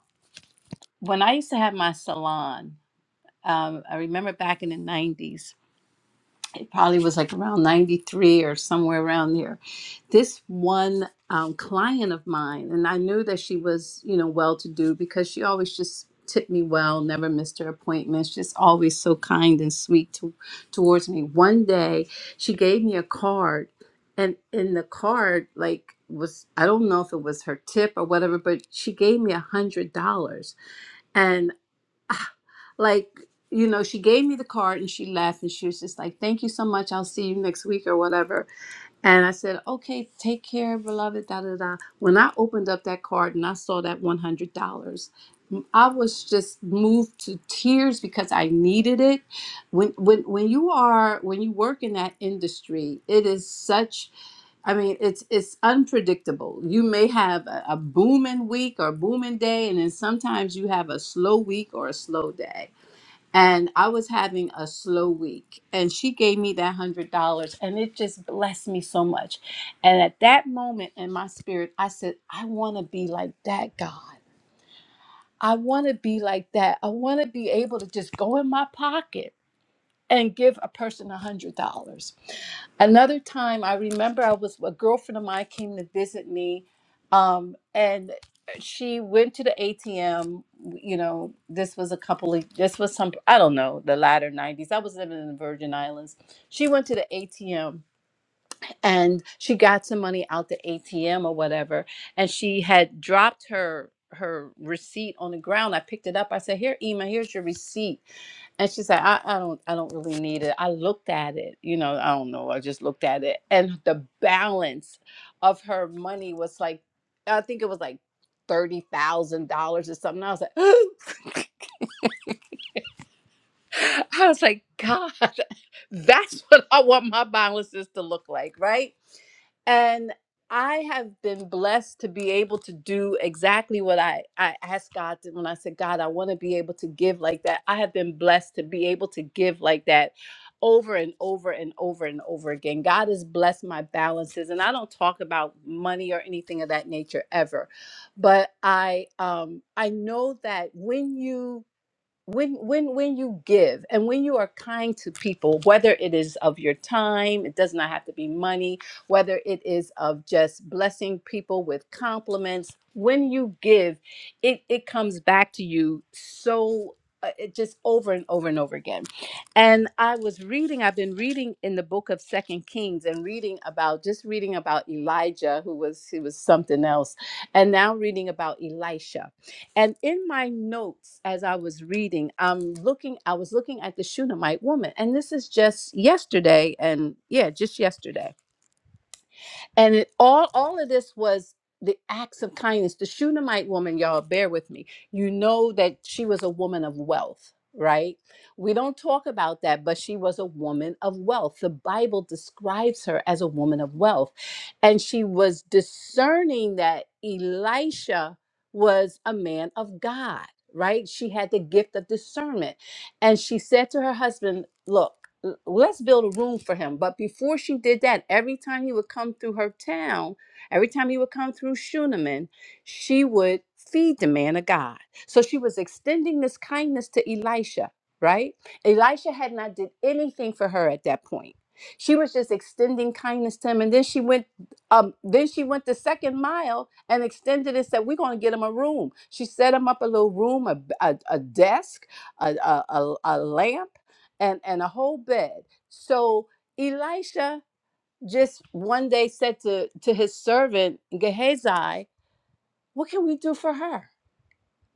when I used to have my salon, um, I remember back in the 90s, it probably was like around 93 or somewhere around there. This one um, client of mine, and I knew that she was, you know, well to do because she always just tipped me well, never missed her appointments, just always so kind and sweet to, towards me. One day she gave me a card, and in the card, like, was I don't know if it was her tip or whatever, but she gave me a hundred dollars like you know she gave me the card and she left and she was just like thank you so much i'll see you next week or whatever and i said okay take care beloved da da da when i opened up that card and i saw that $100 i was just moved to tears because i needed it when when when you are when you work in that industry it is such I mean, it's it's unpredictable. You may have a, a booming week or booming day, and then sometimes you have a slow week or a slow day and I was having a slow week. And she gave me that hundred dollars, and it just blessed me so much. And at that moment in my spirit, I said, I want to be like that God. I want to be like that. I want to be able to just go in my pocket and give a person a hundred dollars. Another time, I remember I was a girlfriend of mine came to visit me, um, and she went to the ATM. You know, this was a couple of this was some I don't know the latter nineties. I was living in the Virgin Islands. She went to the ATM and she got some money out the ATM or whatever, and she had dropped her her receipt on the ground. I picked it up. I said, "Here, Ema, here's your receipt." And she said, I, I don't I don't really need it. I looked at it, you know, I don't know. I just looked at it. And the balance of her money was like I think it was like thirty thousand dollars or something. I was like I was like, God, that's what I want my balances to look like, right? And I have been blessed to be able to do exactly what I, I asked God to, when I said, God, I want to be able to give like that. I have been blessed to be able to give like that over and over and over and over again. God has blessed my balances. And I don't talk about money or anything of that nature ever. But I um I know that when you when when when you give and when you are kind to people whether it is of your time it does not have to be money whether it is of just blessing people with compliments when you give it it comes back to you so uh, it just over and over and over again and i was reading i've been reading in the book of second kings and reading about just reading about elijah who was he was something else and now reading about elisha and in my notes, as I was reading, I'm looking, I was looking at the Shunammite woman. And this is just yesterday. And yeah, just yesterday and it, all all of this was the acts of kindness the shunammite woman y'all bear with me you know that she was a woman of wealth right we don't talk about that but she was a woman of wealth the bible describes her as a woman of wealth and she was discerning that elisha was a man of god right she had the gift of discernment and she said to her husband look l- let's build a room for him. But before she did that, every time he would come through her town, every time he would come through Shunaman, she would feed the man of God. So she was extending this kindness to Elisha, right? Elisha had not did anything for her at that point. She was just extending kindness to him. And then she went, um, then she went the second mile and extended and said, We're gonna get him a room. She set him up a little room, a, a, a desk, a, a, a a lamp and and a whole bed. So Elisha just one day said to to his servant Gehazi, "What can we do for her?"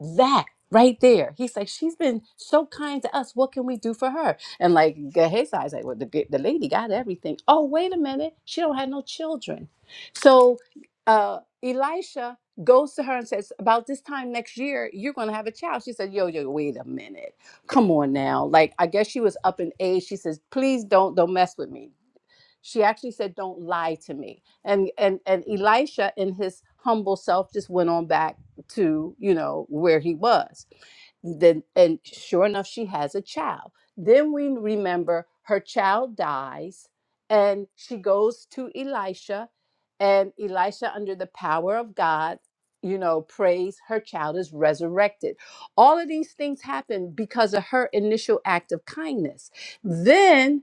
that right there. He's like, she's been so kind to us. What can we do for her? And like Gehazi's like, well, the, the lady got everything. Oh, wait a minute. She don't have no children. So uh, Elisha goes to her and says, about this time next year, you're going to have a child. She said, yo, yo, wait a minute. Come on now. Like, I guess she was up in age. She says, please don't, don't mess with me she actually said don't lie to me and and and elisha in his humble self just went on back to you know where he was then and sure enough she has a child then we remember her child dies and she goes to elisha and elisha under the power of god you know prays her child is resurrected all of these things happen because of her initial act of kindness then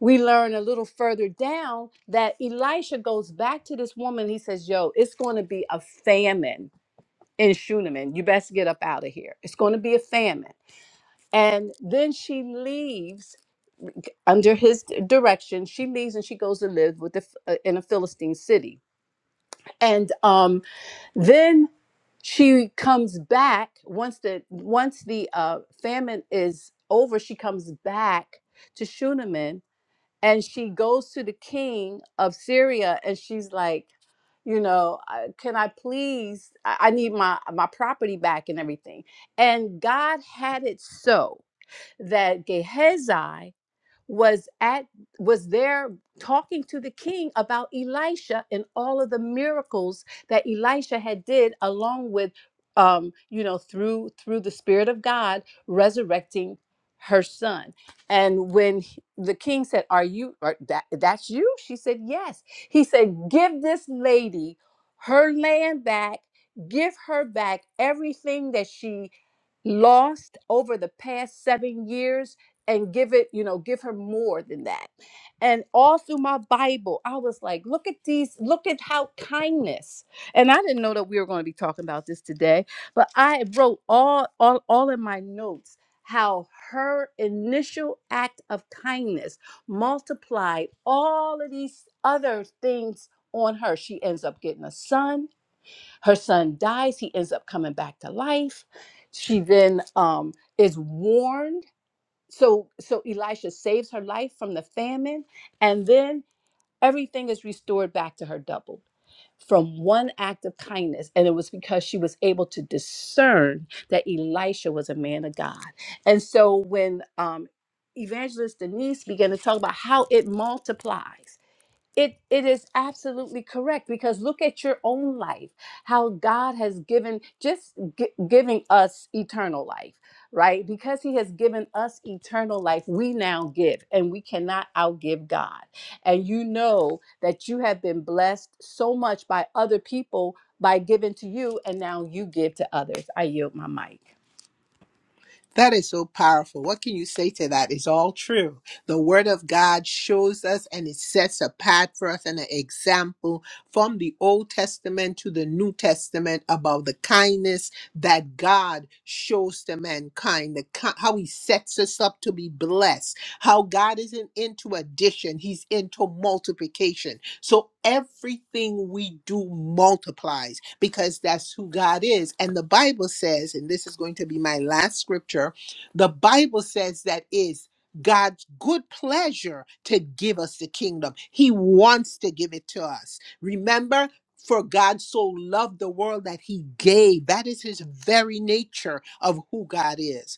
we learn a little further down that Elisha goes back to this woman. He says, Yo, it's going to be a famine in Shunaman. You best get up out of here. It's going to be a famine. And then she leaves under his d- direction. She leaves and she goes to live with the, Ph- uh, in a Philistine city. And um, then she comes back once the once the uh, famine is over. She comes back to Shunaman and she goes to the king of Syria and she's like, you know, "I- can I please? I I need my my property back and everything. And God had it so that Gehazi was at was there talking to the king about Elisha and all of the miracles that Elisha had did along with um you know through through the spirit of God resurrecting her son and when he- the king said are you are that that's you she said yes he said give this lady her land back give her back everything that she lost over the past 7 years and give it, you know, give her more than that. And all through my Bible, I was like, look at these, look at how kindness. And I didn't know that we were going to be talking about this today, but I wrote all all all in my notes how her initial act of kindness multiplied all of these other things on her. She ends up getting a son. Her son dies. He ends up coming back to life. She then um, is warned so so elisha saves her life from the famine and then everything is restored back to her doubled from one act of kindness and it was because she was able to discern that elisha was a man of god and so when um evangelist denise began to talk about how it multiplies it it is absolutely correct because look at your own life, how God has given just gi- giving us eternal life, right? Because He has given us eternal life, we now give, and we cannot outgive God. And you know that you have been blessed so much by other people by giving to you, and now you give to others. I yield my mic.
That is so powerful. What can you say to that? It's all true. The Word of God shows us and it sets a path for us and an example from the Old Testament to the New Testament about the kindness that God shows to mankind, the, ki- how He sets us up to be blessed, how God isn't into addition, He's into multiplication. So everything we do multiplies because that's who God is. And the Bible says, and this is going to be my last scripture, the Bible says that is God's good pleasure to give us the kingdom. He wants to give it to us. Remember, for God so loved the world that he gave. That is his very nature of who God is.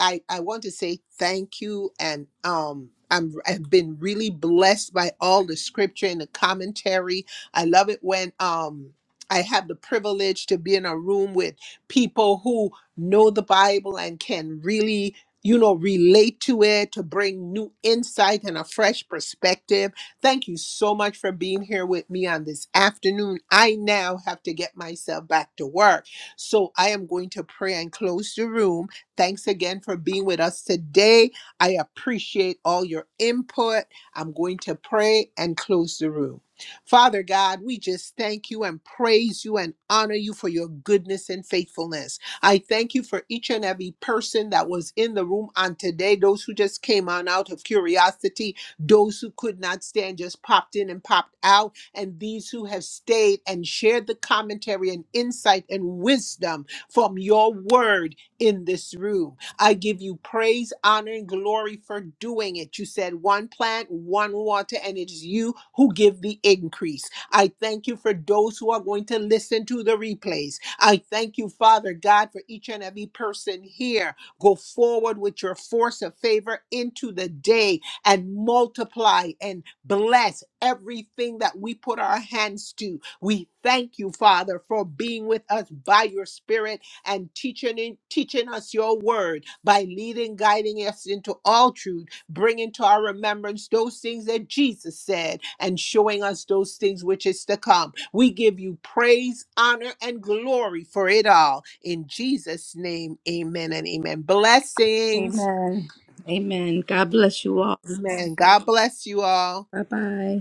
I, I want to say thank you and um I'm I've been really blessed by all the scripture and the commentary. I love it when um I have the privilege to be in a room with people who know the Bible and can really you know relate to it to bring new insight and a fresh perspective. Thank you so much for being here with me on this afternoon. I now have to get myself back to work. So I am going to pray and close the room Thanks again for being with us today. I appreciate all your input. I'm going to pray and close the room. Father God, we just thank you and praise you and honor you for your goodness and faithfulness. I thank you for each and every person that was in the room on today, those who just came on out of curiosity, those who could not stand just popped in and popped out, and these who have stayed and shared the commentary and insight and wisdom from your word in this room. I give you praise, honor, and glory for doing it. You said one plant, one water, and it is you who give the increase. I thank you for those who are going to listen to the replays. I thank you, Father God, for each and every person here. Go forward with your force of favor into the day and multiply and bless everything that we put our hands to. We thank you, Father, for being with us by your Spirit and teaching teaching us your word by leading guiding us into all truth bringing to our remembrance those things that jesus said and showing us those things which is to come we give you praise honor and glory for it all in jesus name amen and amen blessings
Amen. Amen. God bless you all.
amen god bless you all
Bye bye.